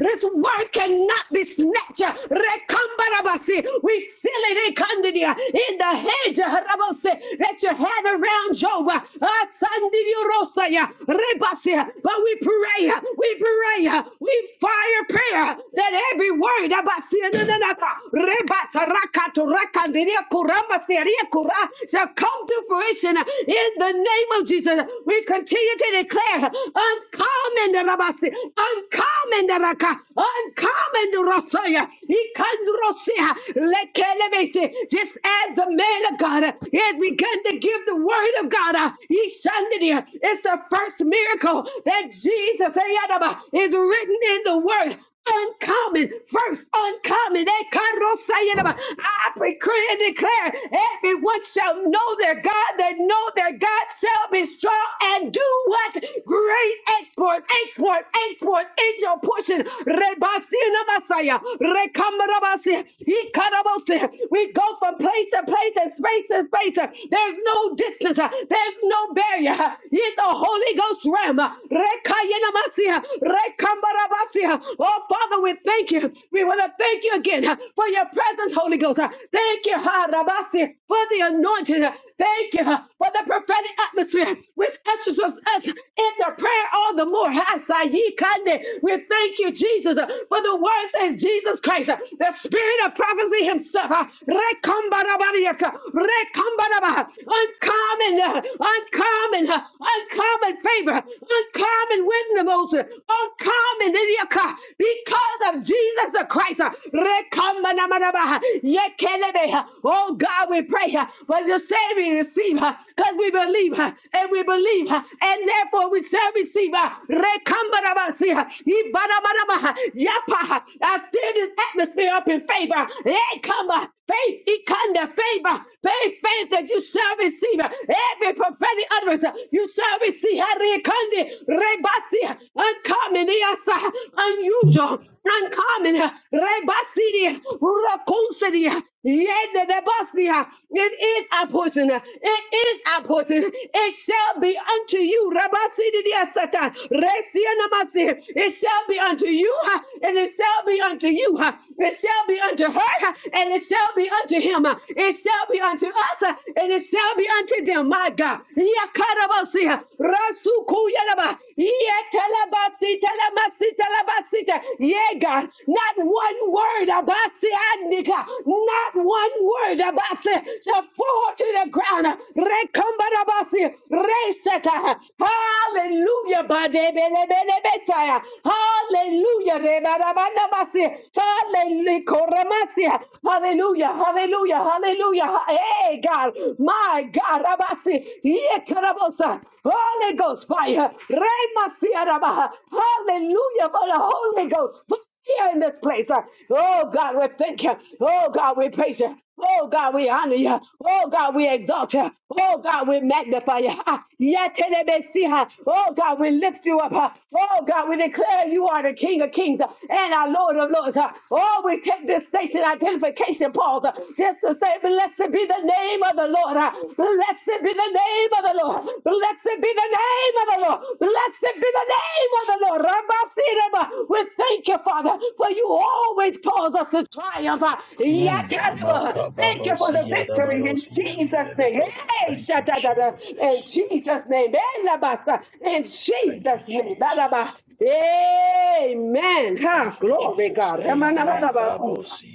B: This word cannot be snatched. uh, Rekambarabasi. We seal it in Kandidia, in the hedge uh, Rabose, that you have around Job. uh, Rosaya, Rebasia. But we pray, yeah. we pray, yeah. we fire prayer that every word Abasia, Nananaka, Rebata, Rakata, Rakandiria, Kurama, Seria, Kura, shall come to fruition in the name of Jesus. We continue to declare uncommon Rabasi, uncommon Raka, uncommon Rosaya, Ikandrosia, Lekelebesi. just as the man of God had began to give the word of God. yeah. Ishandidia. It's the first miracle that Jesus Ayadaba, is written in the word. Uncommon, first uncommon. Ekarosayadaba. I decree and declare everyone shall know their God, that know their God shall be strong and do what? Great export, export, export in your portion. Rebasina Masaya, Rekamarabasia, Ikarabosia. We go from place to place and space to space. There's no distance sickness. uh, There's no barrier uh, in the Holy Ghost realm. uh, Rekayenamasi, uh, Rekambarabasi, uh, Oh, Father, we thank you. We want to thank you again uh, for your presence, Holy Ghost. uh, Thank you, ha, for the anointing. uh, Thank you uh, for the prophetic atmosphere which ushers us in the prayer all the more. Ha, We thank you, Jesus, uh, for the word says Jesus Christ, uh, the spirit of prophecy himself. uh, Rekambarabariaka, Rekambaraba, uncommon, uh, uncommon, uh, uncommon favor, uncommon wisdom, oh, sir, uncommon idiaka, because of Jesus the Christ. uh, rekamanamanaba, yekelebe, uh, Oh God, we pray uh, for the saving receive her, because we believe uh, and we believe uh, and therefore we shall receive. uh, rekambanabasi, uh, ibanamanaba, uh, yapa, uh, I steer this atmosphere up in favor. Hey, come on. Faith, he come to favor. Faith any faith that you shall receive, every prophetic utterance you shall receive, Harikandi, Rebasi, uncommon, yes, unusual, uncommon, Rebasi, Rakonsidi, Yende Debasnia. It is our portion. It is our portion. It shall be unto you, Rabasidi Asata, Resianamasi. It shall be unto you, and it shall be unto you, it shall be unto her, and it shall be unto him. it it shall be unto us uh, and it shall be unto them, my God. Yakarabasia, Rasukuyalaba, Yetalabasi, Talamasi, Talabasita. Yeah, God, not one word about Sianica, not one word about it shall fall to the ground. Rekombarabasi, Reseta. Hallelujah, Badebelebelebetaya. Hallelujah, Rebarabandabasi. Hallelujah, Koramasia. Hallelujah, hallelujah, hallelujah. Hey, God, my God, Rabasi, Yekarabosa, Holy Ghost fire, Remasia Rabaha, hallelujah, for the Holy Ghost fire in this place. Oh, God, we thank you. Oh, God, we praise you. Oh God, we honor you. Oh God, we exalt you. Oh God, we magnify you. Ha. Yetelebesiha. Oh God, we lift you up. Ha. Oh God, we declare you are the King of Kings and our Lord of Lords. Ha. Oh, we take this station identification vacation pause uh, just to say, Blessed be the name of the Lord. uh, Blessed be the name of the Lord. Blessed be the name of the Lord. Blessed be the name of the Lord. Rabasiraba. We thank you, Father, for you always cause us to triumph. uh, Yatadaba. Thank you for the victory in Jesus' name. Hey, shatadada. In Jesus' name. Elabasa. In Jesus' name. Badaba. Amen. Ha, glory, God. Ramanabadaba.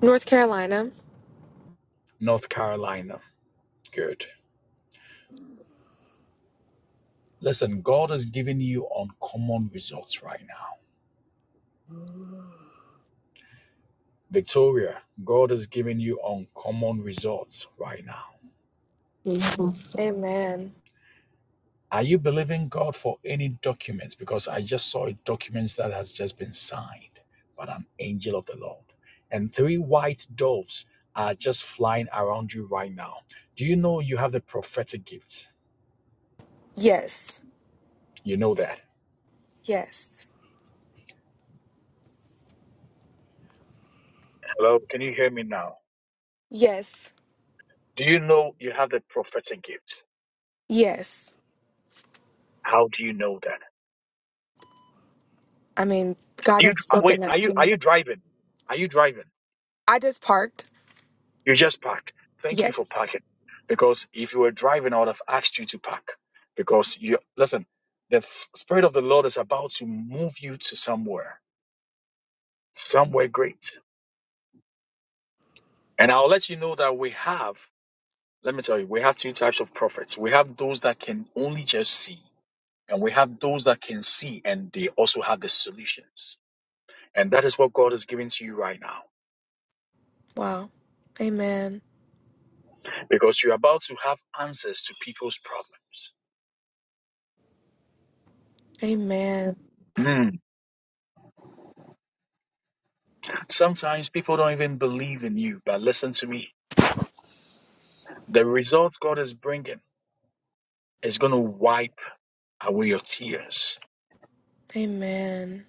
K: North Carolina.
C: Amen.
K: Amen. Yes. Yes. Yes. Yes. I mean, God has spoken that to me. I just parked. Yes. Wow. Amen. Amen. Amen.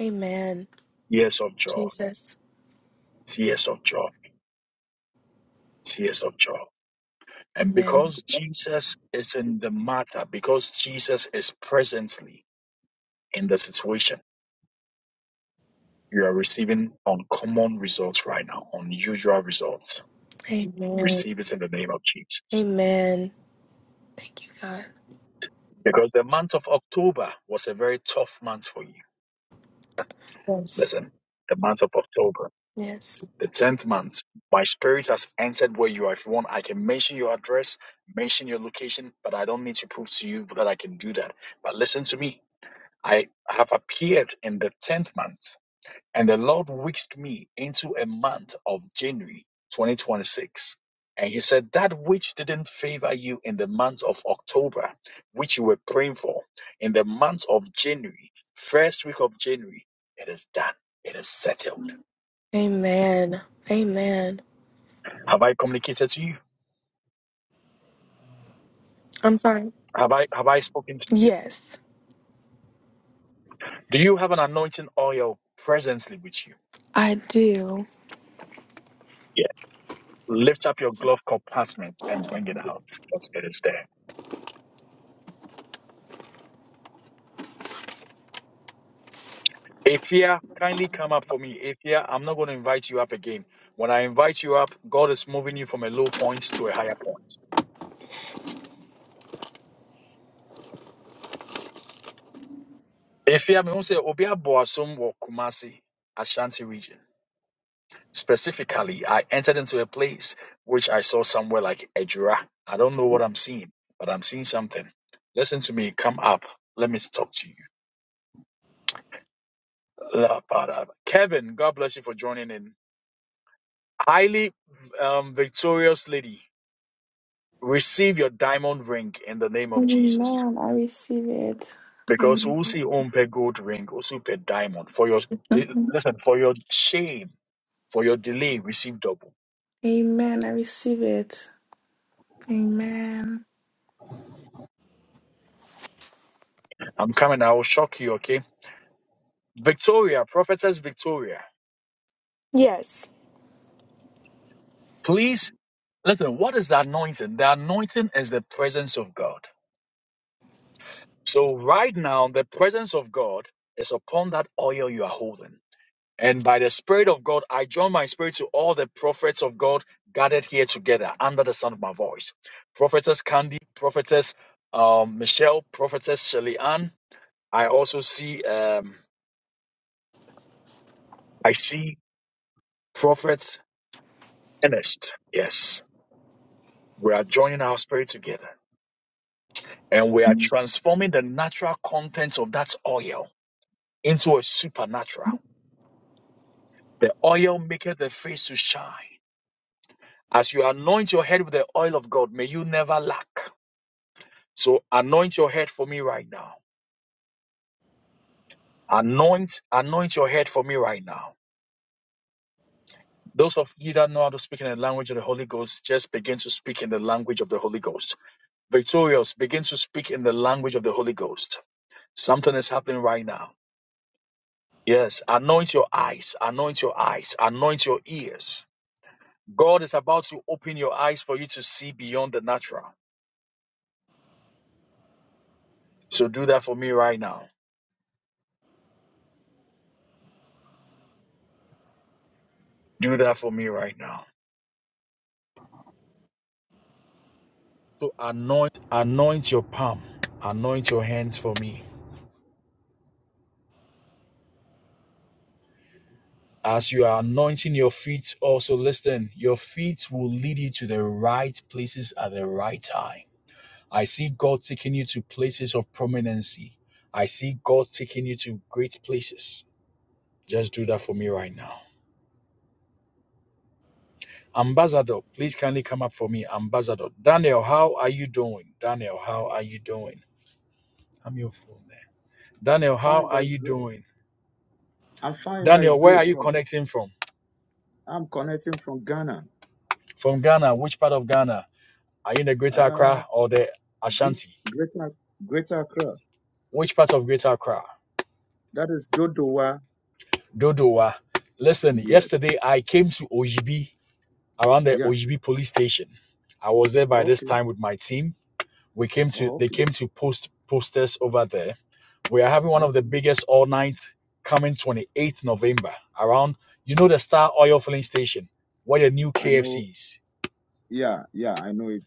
K: Amen. Jesus. Amen. Amen. Amen. Thank you, God. Yes. Yes. Amen. Amen. I'm sorry. Yes, I do.
I: Amen. I receive it. Amen. Mhm. Amen. I receive it. Amen.
K: Yes.
L: Fine by His grace. I'm fine by His grace, Prof. I'm connecting from Ghana. Uh, great, greater, greater Accra. That is Dodowa. Yes. Yeah. Okay. Oh, okay. Okay. I know. Yeah. Yeah. I know it.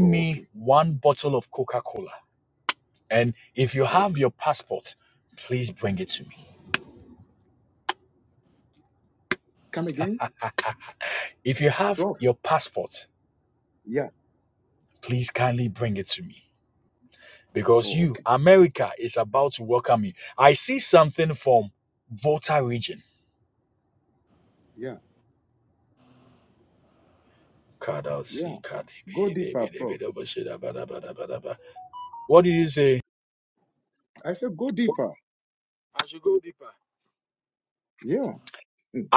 L: Oh, okay. Okay. Come again, Prof. Yeah. Oh, okay. Yeah. Yeah. Go deeper, Prof. I said go deeper. Yeah. Mm.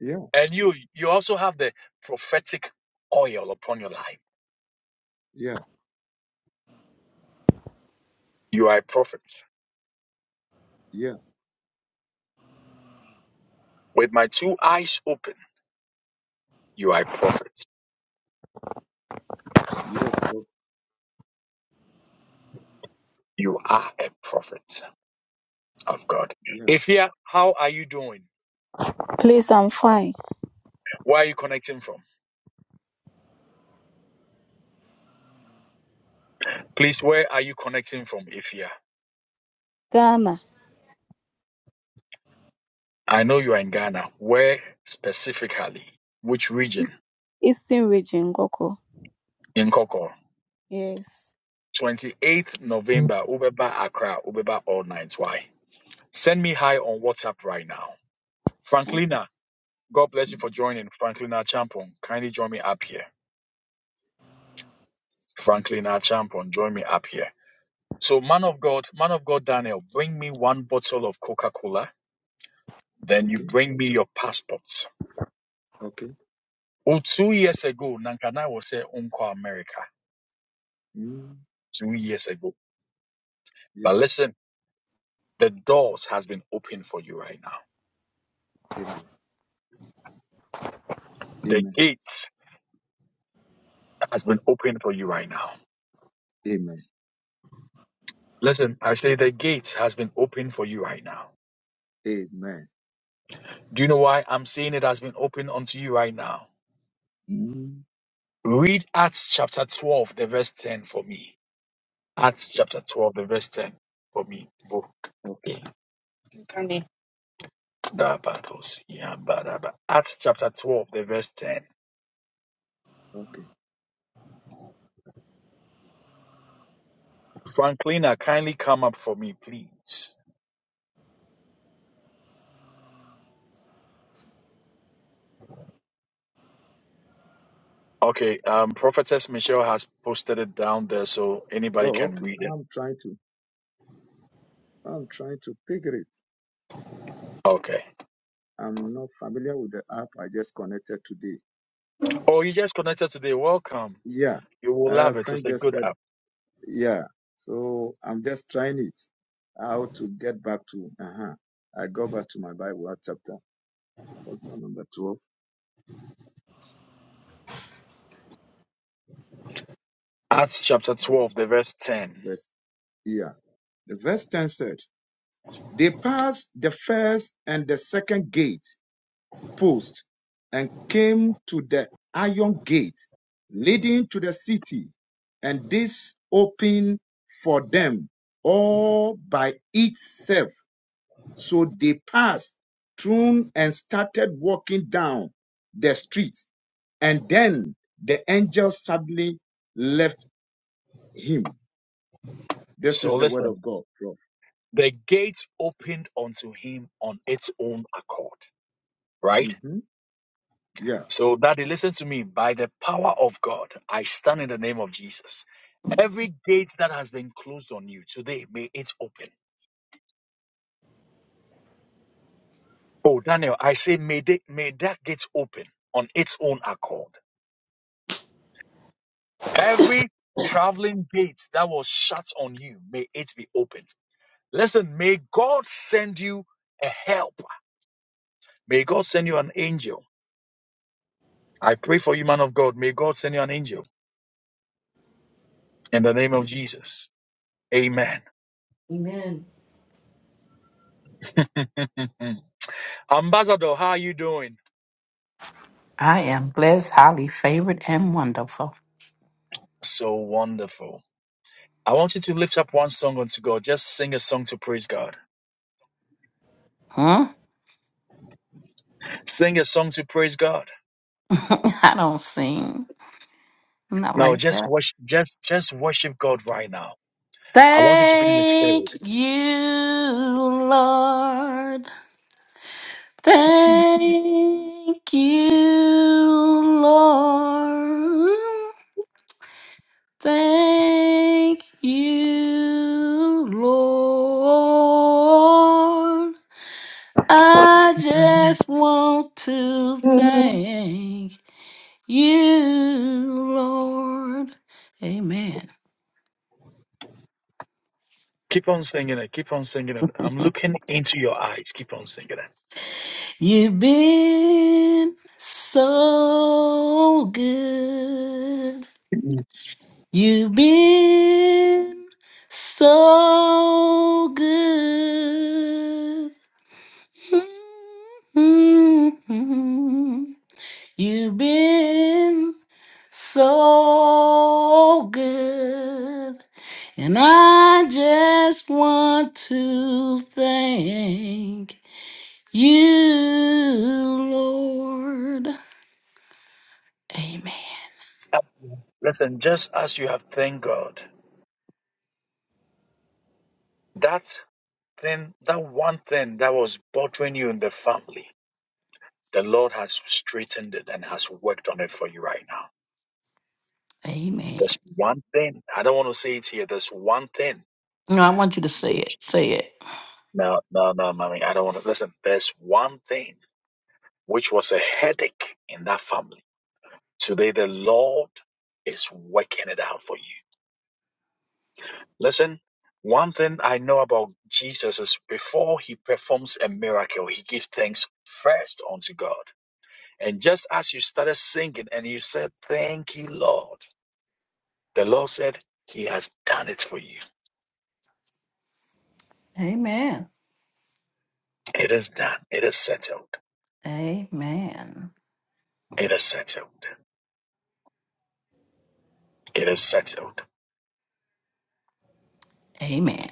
L: Yeah. Yeah. Yeah. Yes, Prof. Yeah.
M: Please, I'm fine. Ghana, Eastern Region, Goko. Yes.
L: Okay. Okay. Mm. Yeah. Amen. Amen. Amen. Amen. Mm, Okay, okay. okay. Oh, okay. I'm trying to, I'm trying to figure it. I'm not familiar with the app. I just connected today. Yeah. A friend just said, yeah. So I'm just trying it. How to get back to, uh-huh. I go back to my Bible chapter, chapter number 12, verse, yeah. The verse 10 said, they passed the first and the second gate post and came to the iron gate leading to the city, and this opened for them all by itself. So they passed through and started walking down the street, and then the angel suddenly left him. This is the word of God, Prof. hmm Yeah,
C: Amen.
N: I am blessed, highly favored, and wonderful. Hmm? I don't sing. Not like that. Thank you, Lord. Thank you, Lord. Thank you, Lord. I just want to
C: Mm.
N: thank you, Lord. Amen. You've been so good. You've been so good. Mhm. You've been so good. And I just want to thank You, Lord. Amen. Amen. No, I want you to say it. Say it. Amen. Amen. Amen.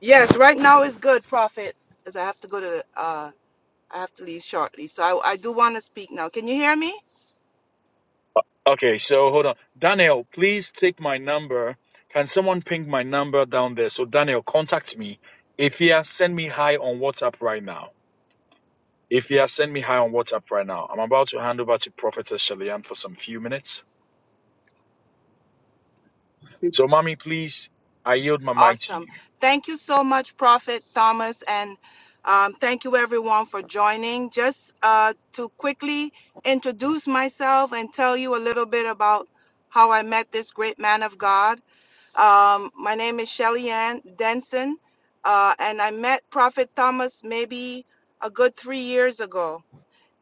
E: Yes, right now is good, Prophet, because I have to go to the, uh, I have to leave shortly. So I, I do want to speak now. Can you hear me? Awesome. Thank you so much, Prophet Thomas, and um, thank you everyone for joining. Just uh, to quickly introduce myself and tell you a little bit about how I met this great man of God. Um, my name is Shelly Ann Denson, uh, and I met Prophet Thomas maybe a good three years ago,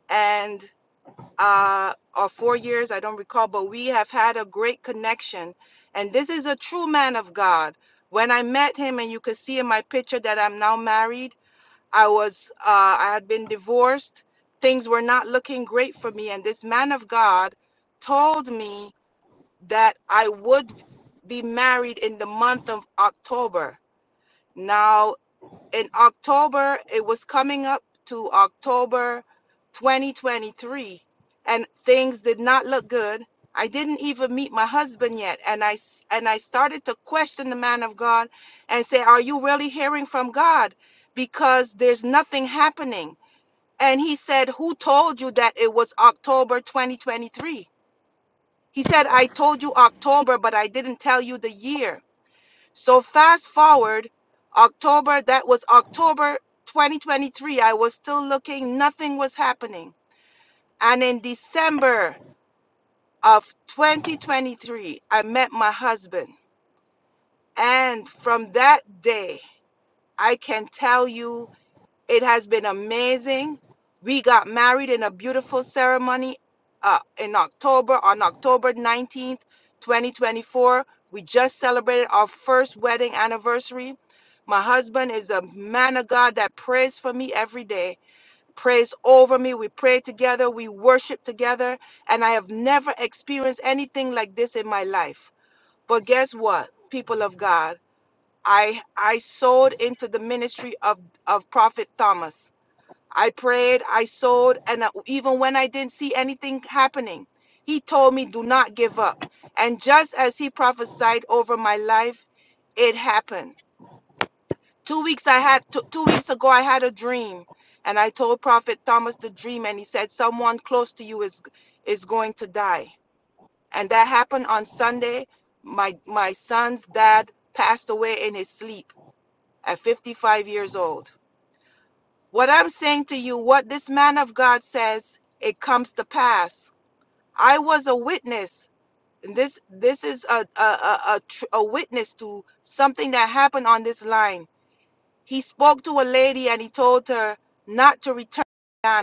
E: and uh, or four years, I don't recall, but we have had a great connection. And this is a true man of God. When I met him, and you can see in my picture that I'm now married, I was uh, I had been divorced. Things were not looking great for me, and this man of God told me that I would be married in the month of October. Now, in October, it was coming up to October 2023, and things did not look good. I didn't even meet my husband yet, and I and I started to question the man of God and say, "Are you really hearing from God? Because there's nothing happening." And he said, "Who told you that it was October 2023?" He said, I told you October, but I didn't tell you the year. So fast forward, October, that was October 2023. I was still looking, nothing was happening. And in December of 2023, I met my husband. And from that day, I can tell you It has been amazing. We got married in a beautiful ceremony uh, in October, on October 19th, 2024. We just celebrated our first wedding anniversary. My husband is a man of God that prays for me every day, prays over me. We pray together, we worship together, and I have never experienced anything like this in my life. But guess what, people of God? I I sowed into the ministry of of Prophet Thomas. I prayed, I sowed, and uh, even when I didn't see anything happening, he told me, Do not give up. And just as he prophesied over my life, it happened. Two weeks I had two, two weeks ago I had a dream and I told Prophet Thomas the dream and he said someone close to you is is going to die. And that happened on Sunday. My my son's dad passed away in his sleep at 55 years old. What I'm saying to you, what this man of God says, it comes to pass. I was a witness. And this this is a a, a, a, tr- a witness to something that happened on this line. He spoke to a lady and he told her not to return. to Ghana.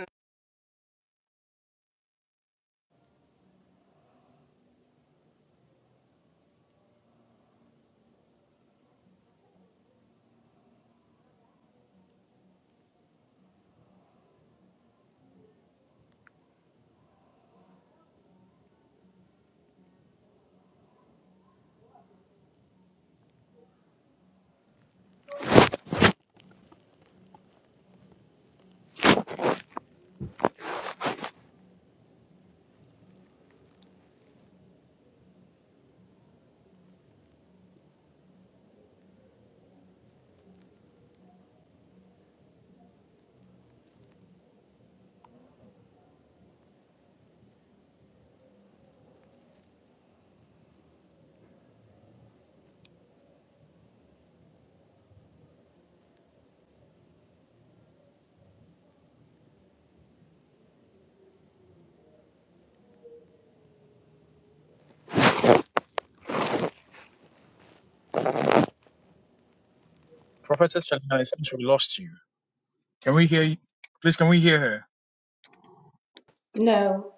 G: No.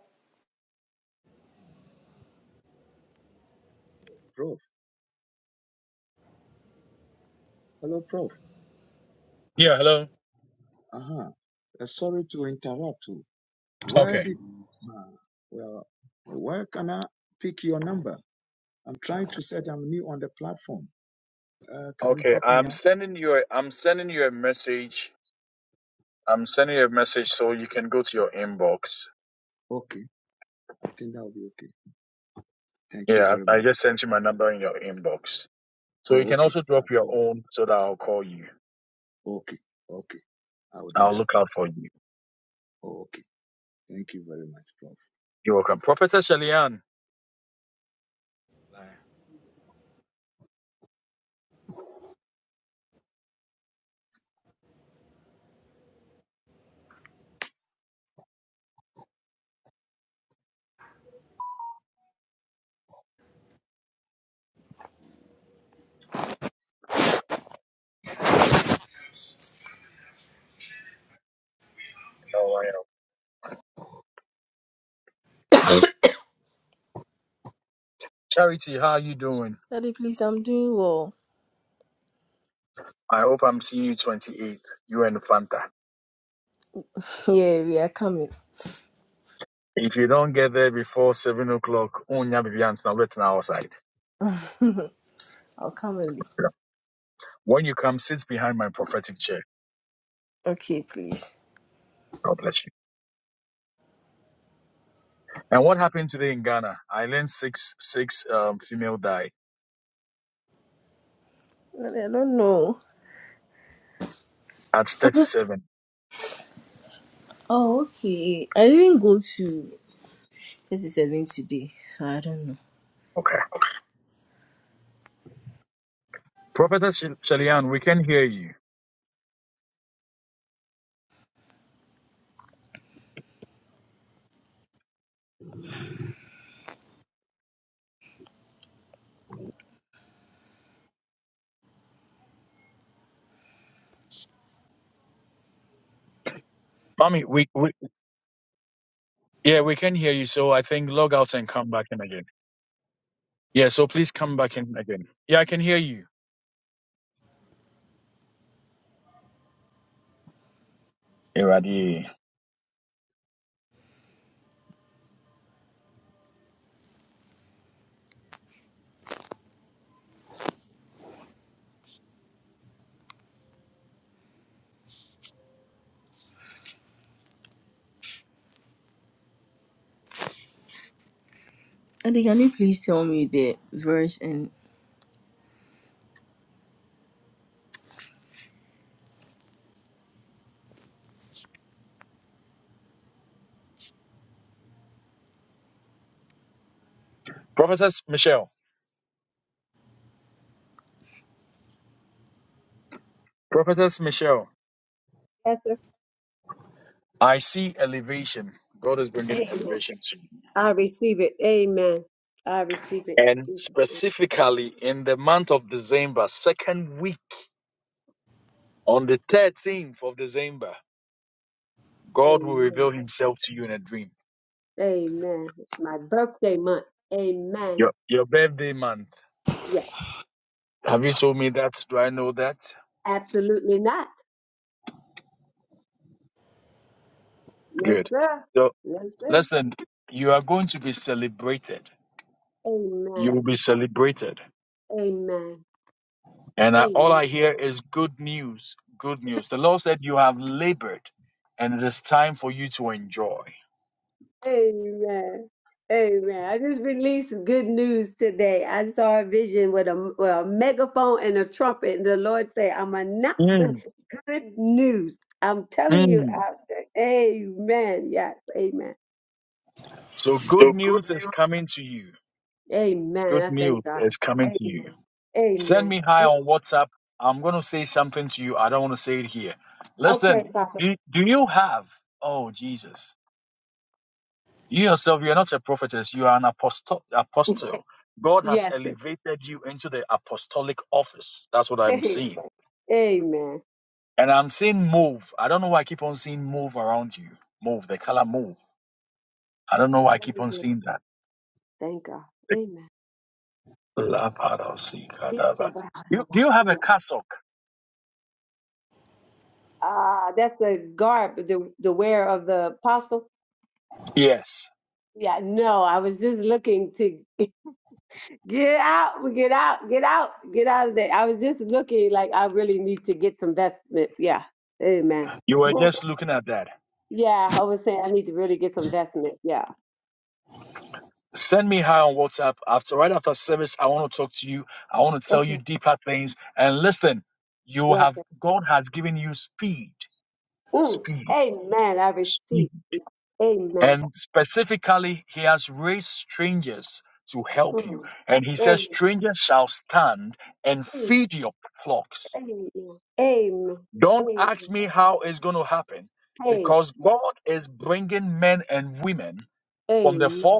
L: Prof. Hello, Prof. Uh-huh. Uh huh. sorry to interrupt. Where did, ah, well, where can I pick your number? I'm trying to set, I'm new on the platform. Uh, can you help me out? Okay, I think that will be okay. Thank you very much. Oh, okay. I saw. Okay, okay. I will do that. Oh, okay. Thank you very much, Prof.
C: Daddy, please, I'm doing well. Yeah, we are coming. I'll come early. Okay, please. Daddy, I don't know. Oh, okay. I didn't go to 37 today, so I don't know. And can you please tell me the verse and
B: Amen. I receive it. Amen. I receive it. Amen. Amen. My birthday month. Amen. Yeah, absolutely not. No, sir. No, sir. Amen. Amen. Amen. Amen. Amen. I just released good news today. I saw a vision with a, well, a megaphone and a trumpet, and the Lord said, I'm announcing good news. I'm telling you out there. Amen. Yes. Amen. Amen. I thank God. A- Amen. Okay, Papa. Yes. sir. Amen. Amen. Thank God. Amen. Ah, that's the garb, the the wear of the apostle. Yeah, no, I was just looking to get out, get out, get out, get out of there. I was just looking like I really need to get some vestment. Yeah, amen. Yeah, I was saying I need to really get some vestment. Yeah. Okay. Yes, sir. Mm. Amen. I receive it. Amen. Mm. Amen. Amen. Amen. Amen. Amen. Amen.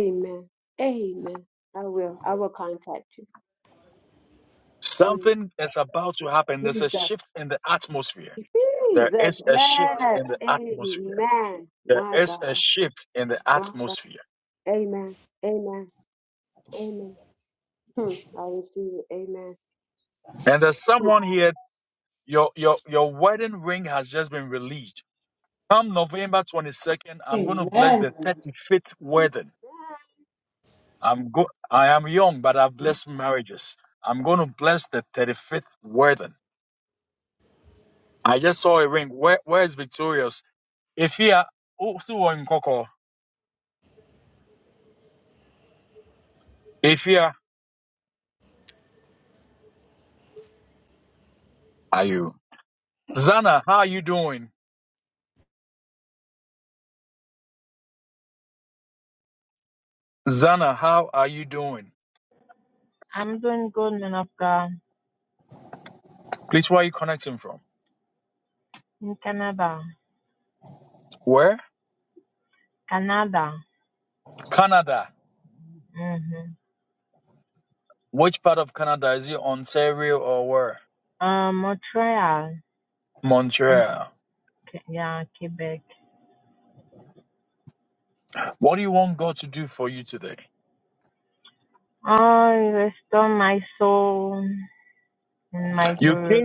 B: Amen. Amen. I will. I will contact you. Amen. Jesus. Jesus. Yes. Amen. My God. My God. Amen. Amen. Amen. Hmm. I receive it. Amen.
G: Amen.
O: I'm doing good, man of God. In Canada, Canada, mm-hmm. uh, Montreal, and Ke- yeah, Quebec. Oh, you restore my soul and my heart.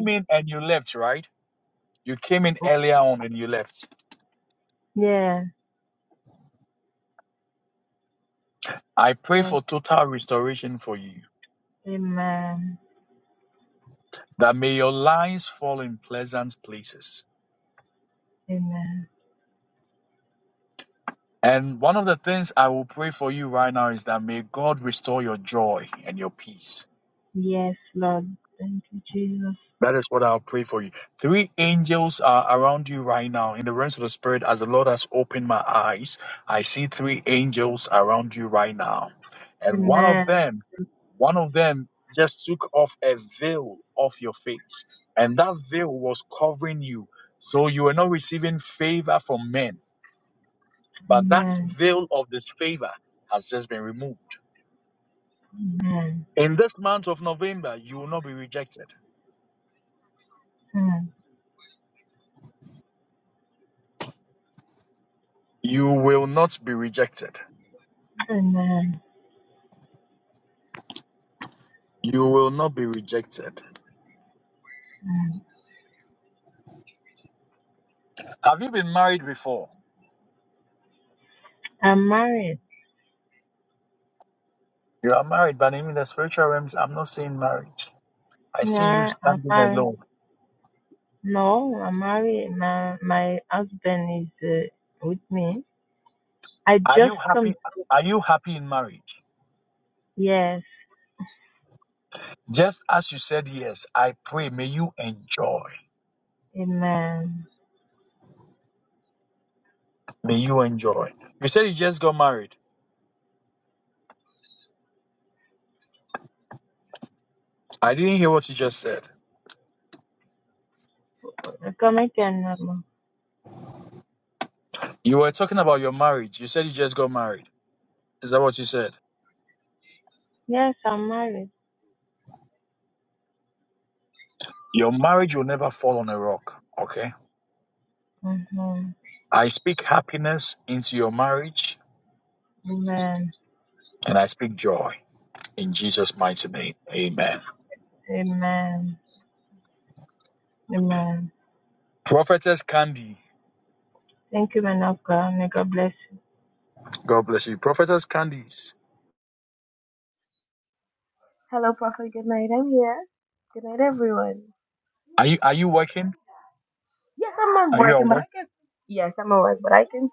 O: Yes, yes, amen, amen. Yes, Lord, thank you, Jesus. Amen, amen, amen, mm, amen. mm. I'm married. Yeah, I'm married. No, I'm married. My my husband is uh, with me. I just come. Yes, amen. Come again, Mama. Yes, I'm married. Mm-hmm. Amen. Amen. Amen. Thank you, man of God. May God bless
F: Hello, Prophet. Good night. I'm here. Good night, everyone. Yes, I'm at work, but I, yes, I'm at work, but I can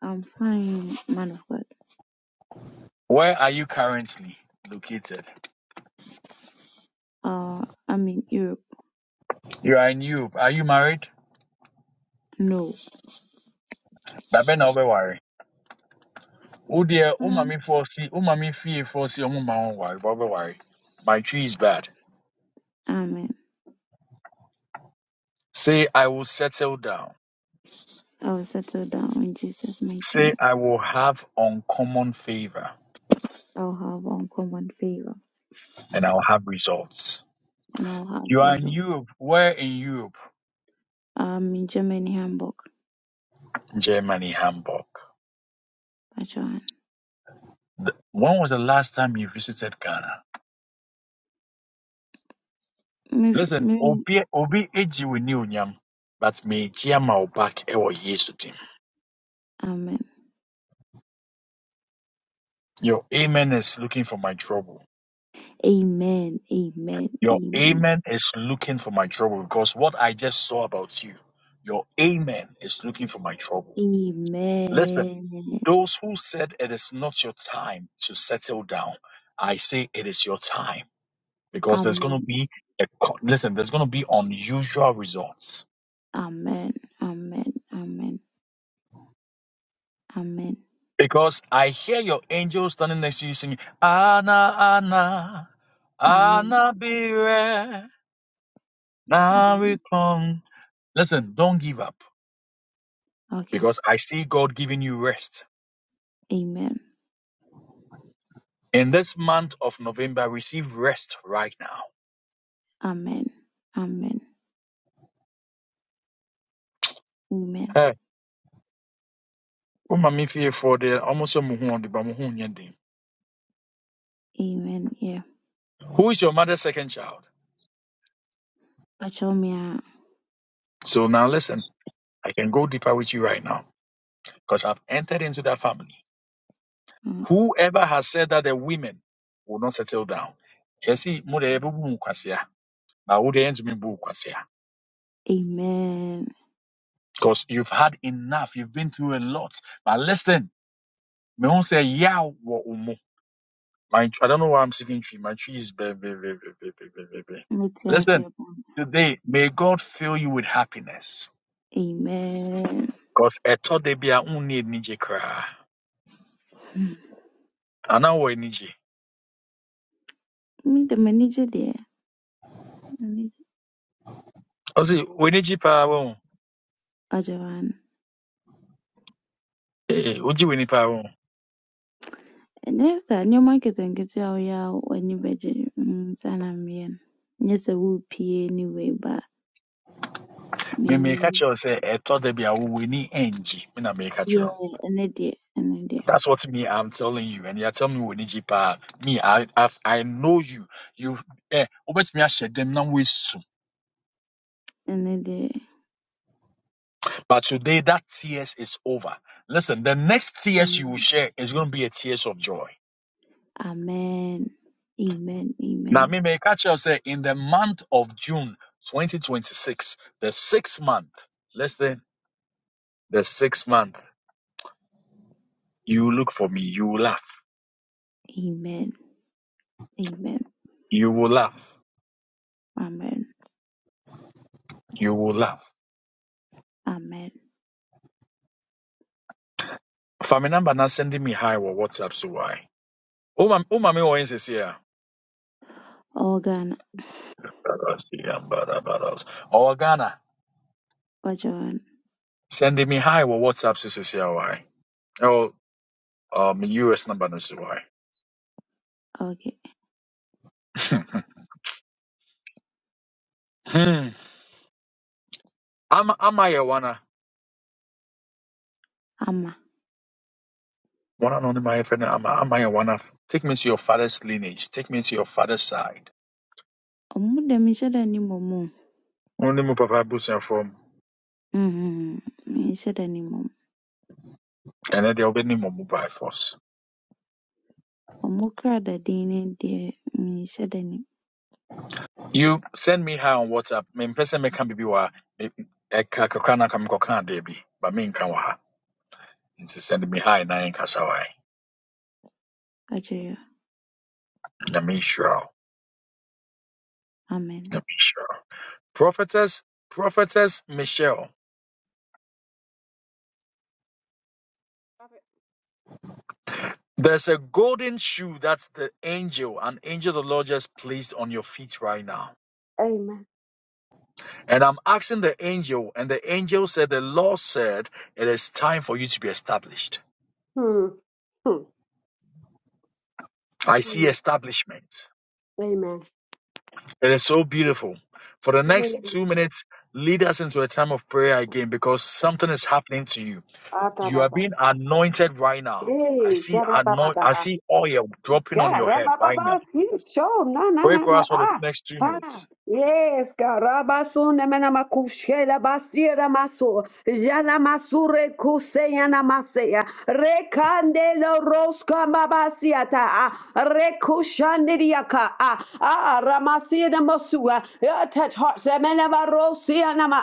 P: I'm fine, man of God. Uh, I'm in Europe. No. Mm. Amen. I will settle down in Jesus' mighty name. I'll have uncommon favor and I'll have result. I'm in Germany, Hamburg. Pachuan. Me- me- Amen. Amen. Amen. Amen. Amen. Amen. Amen. Amen. Amen. Amen. Amen. Amen. Okay. Amen. Amen. Amen. Amen. Amen. Yeah. Pachomia. mm, Amen. Mutias Amen. Me the manager there. Manager Ajawan. And Next time, your market and get your ya when you budget. Sana mien. Yes, I will pay anyway, but me and manager. Yeah, and a day, and a day, and a day. Mm. Amen. Amen. Amen. Amen. Amen. Amen. Amen. Organ, Ajawan. okay. Ama ɔmo deɛ menhyɛ da nnim ɔmo o. Mm, menhyɛ da nnim ɔmo. Ɔmo kra daden no deɛ menhyɛ da nnim. Akyɛ Amen.
B: Amen. Hmm. Hmm. Amen. Amen. Amen. Hey, God, rabababa, he show, na na na na ah. Ah, yes, Karabasuna Manamakushela Basira Maso, Jana Masure Kuseyana Masea, Rekandelo Roska Babasiata, Rekushandiriaka, Ah, Ah, Ramasina Masua, Ah, touch hearts, Amenavarosianama,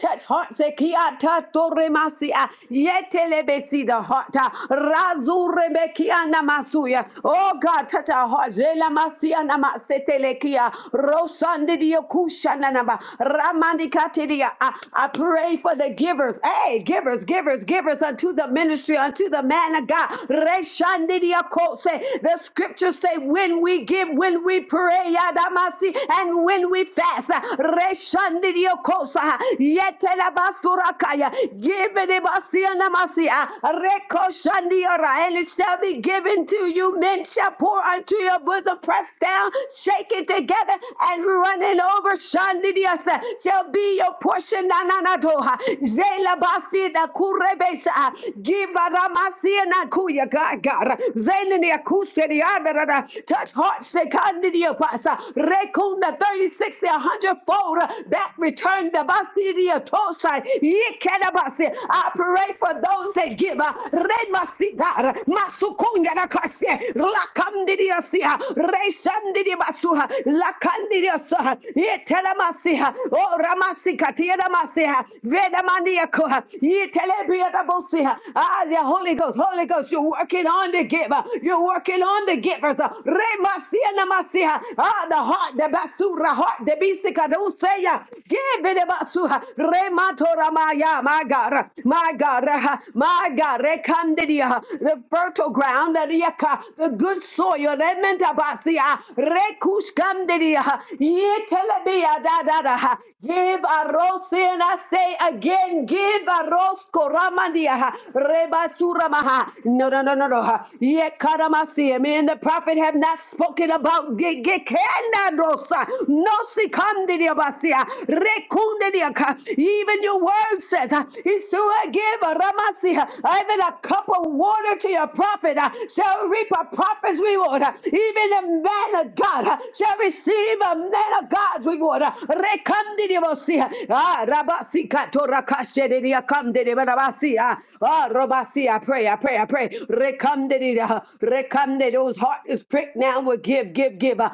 B: touch hearts, eh, Kiata Torremasia, Yetelebesi the heart, Ah, Razurebekiana Masuya, oh God, touch Rakata Hajela Masia Nama Setelekia Rosandidia Kushananaba Ramandikatidia. I pray for the givers. Hey, givers, givers, givers unto the ministry, unto the man of God. Reshandidia Kose. The scriptures say when we give, when we pray, Yadamasi, and when we fast. Reshandidia Kosa. Yetelabasurakaya. Give it Basia Namasia Rekoshandia and it shall be given to you. Men shall pour unto your bosom, pressed down, shaken together, and running over. Shandidiasa shall be your portion. Nananadoha. Zelabasi da kurebesa. Give ramasi na kuya gagar. Zelenia kuseri adarada. Touch hearts the kandidia pasa. Rekunda 36 a hundredfold. That return the basidia tosai. Yekedabasi. I pray for those that give. uh, Remasigar, Masukungarakasye, Lakandidiasia, Reshandidibasuha, Lakandidiasaha, Yetelemasiha, O Ramasikatiedamasiha, Vedamandiakoha, Yetelebiadabosiha. Ah, the Holy Ghost, Holy Ghost, you're working on the giver. You're working on the givers. uh, Remasianamasiha. Ah, the heart, the basura heart, the bisika don't bisikadusaya. Give it Remato Ramaya, my God, my God, uh, my God, Rekandidia, the fertile ground, the Riaka, the good soil, Rementabasia, Rekushkandidia, Yetelebia, da da da. uh, Give a rose, and I say again, give a rose, Koramandia, Rebasuramaha. No, no, no, no, no. uh, Yekaramasia, me and the prophet have not spoken about Gekanda Rose, Nosikandidiabasia, rekundidiaka. Even your word says, uh, "If so I give a ramasia, even a cup of water to your prophet uh, shall reap a prophet's reward. Uh, Even a man of God uh, shall receive a man of God's reward. Uh, rekandidiabasia. Ah, rabasika torakashedidiakandidiabasia. Ah, robasia. I pray, I pray, I pray. Rekandidida, rekandid, those hearts is pricked now will give, give, give. Uh,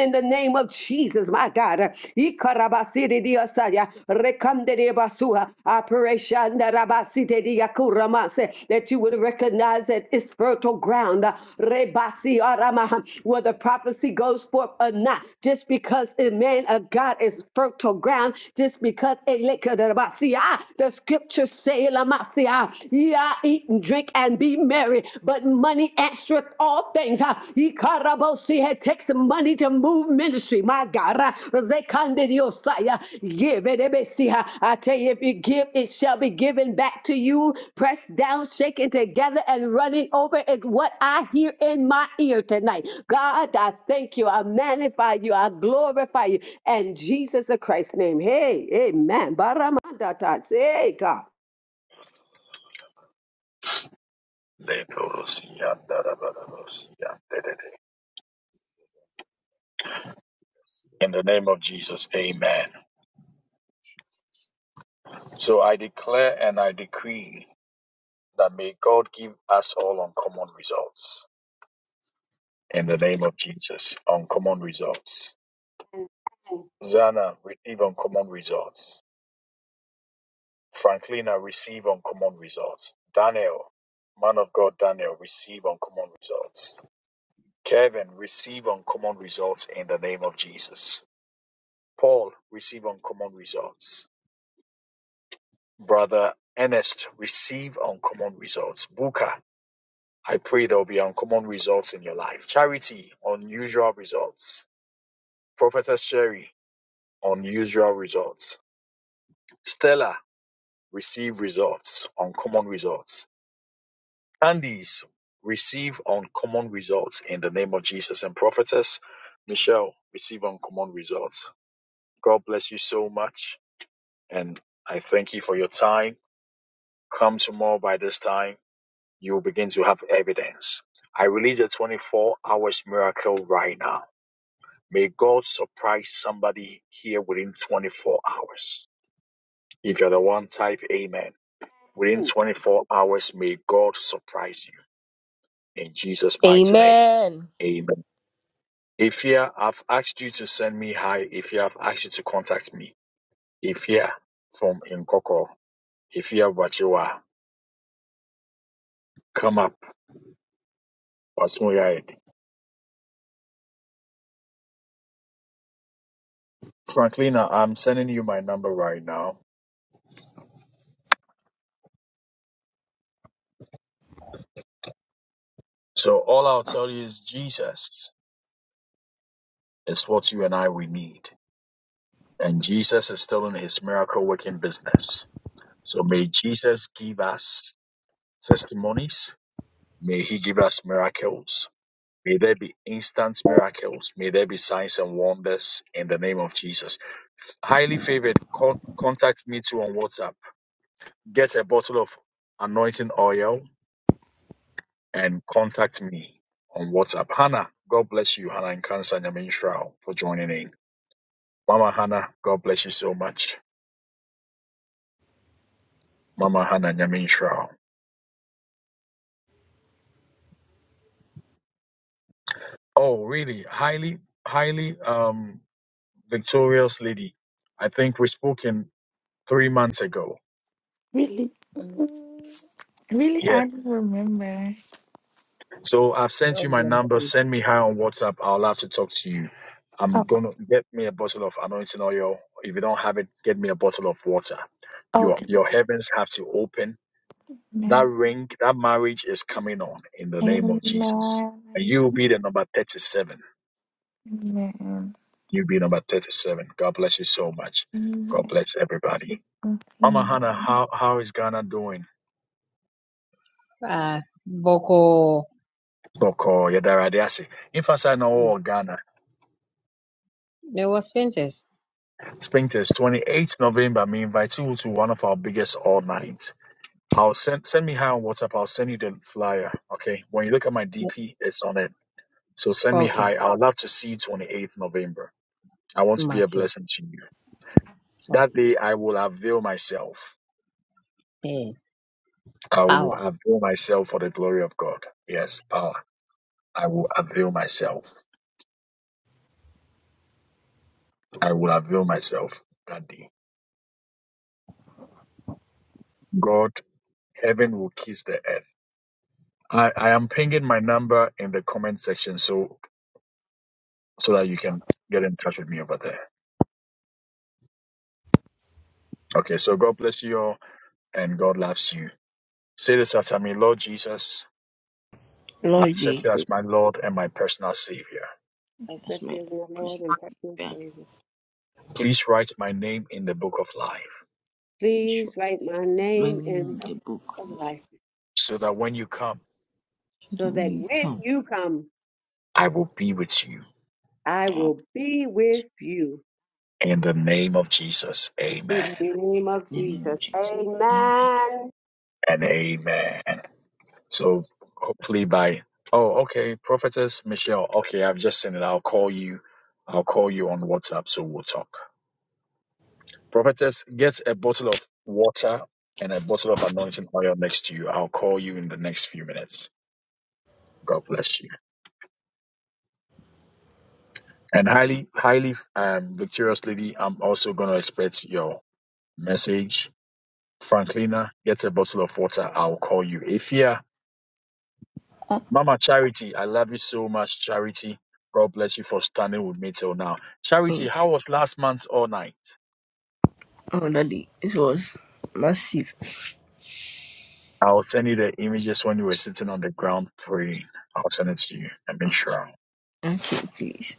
B: in the name of Jesus, my God. Uh, Ikarabasiri diosaya, rekam de debasua, Operation da rabasite diakuramase, that you would recognize that it's fertile ground. Uh, Rebasi arama, Whether prophecy goes forth or not, just because a man of God is fertile ground, just because it lick- the scriptures say, Lamasia, yeah, eat and drink and be merry, but money answereth all things. Ha. Ikarabosi, It takes money to move ministry. My God. Ha. Zekandidiosai, ha. Give it. ebesi, ha. I tell you, if you give, it shall be given back to you. Pressed down, shaken together, and running over is what I hear in my ear tonight. God, I thank you. I magnify you. I glorify you. And Jesus of Christ's name. Hey, amen. Baramanda tats. Hey, God.
C: Amen.
I: Really, really, I don't remember.
Q: God bless
I: Oh, okay. Amen. Amen. I receive- Amen. Amen. Amen.
Q: Uh, Boko, there was Princess. Okay, Martin. Okay. Hey, power.
C: Lord Jesus. That's
B: Accept
C: my
B: you as my Lord
C: personal
B: and personal
C: prayer.
B: Savior.
C: Make Sure.
B: Please write my
C: My
B: name in
C: name in
B: the book
C: the book.
B: of life
C: So that
B: so
C: when
B: that
C: you
B: when
C: come,
B: you come, I
C: uh,
B: will be with you. In the name of
C: the name of
B: Jesus.
C: Jesus. Amen.
B: Amen.
C: Oh, oh, Daddy, this was massive. Okay, please.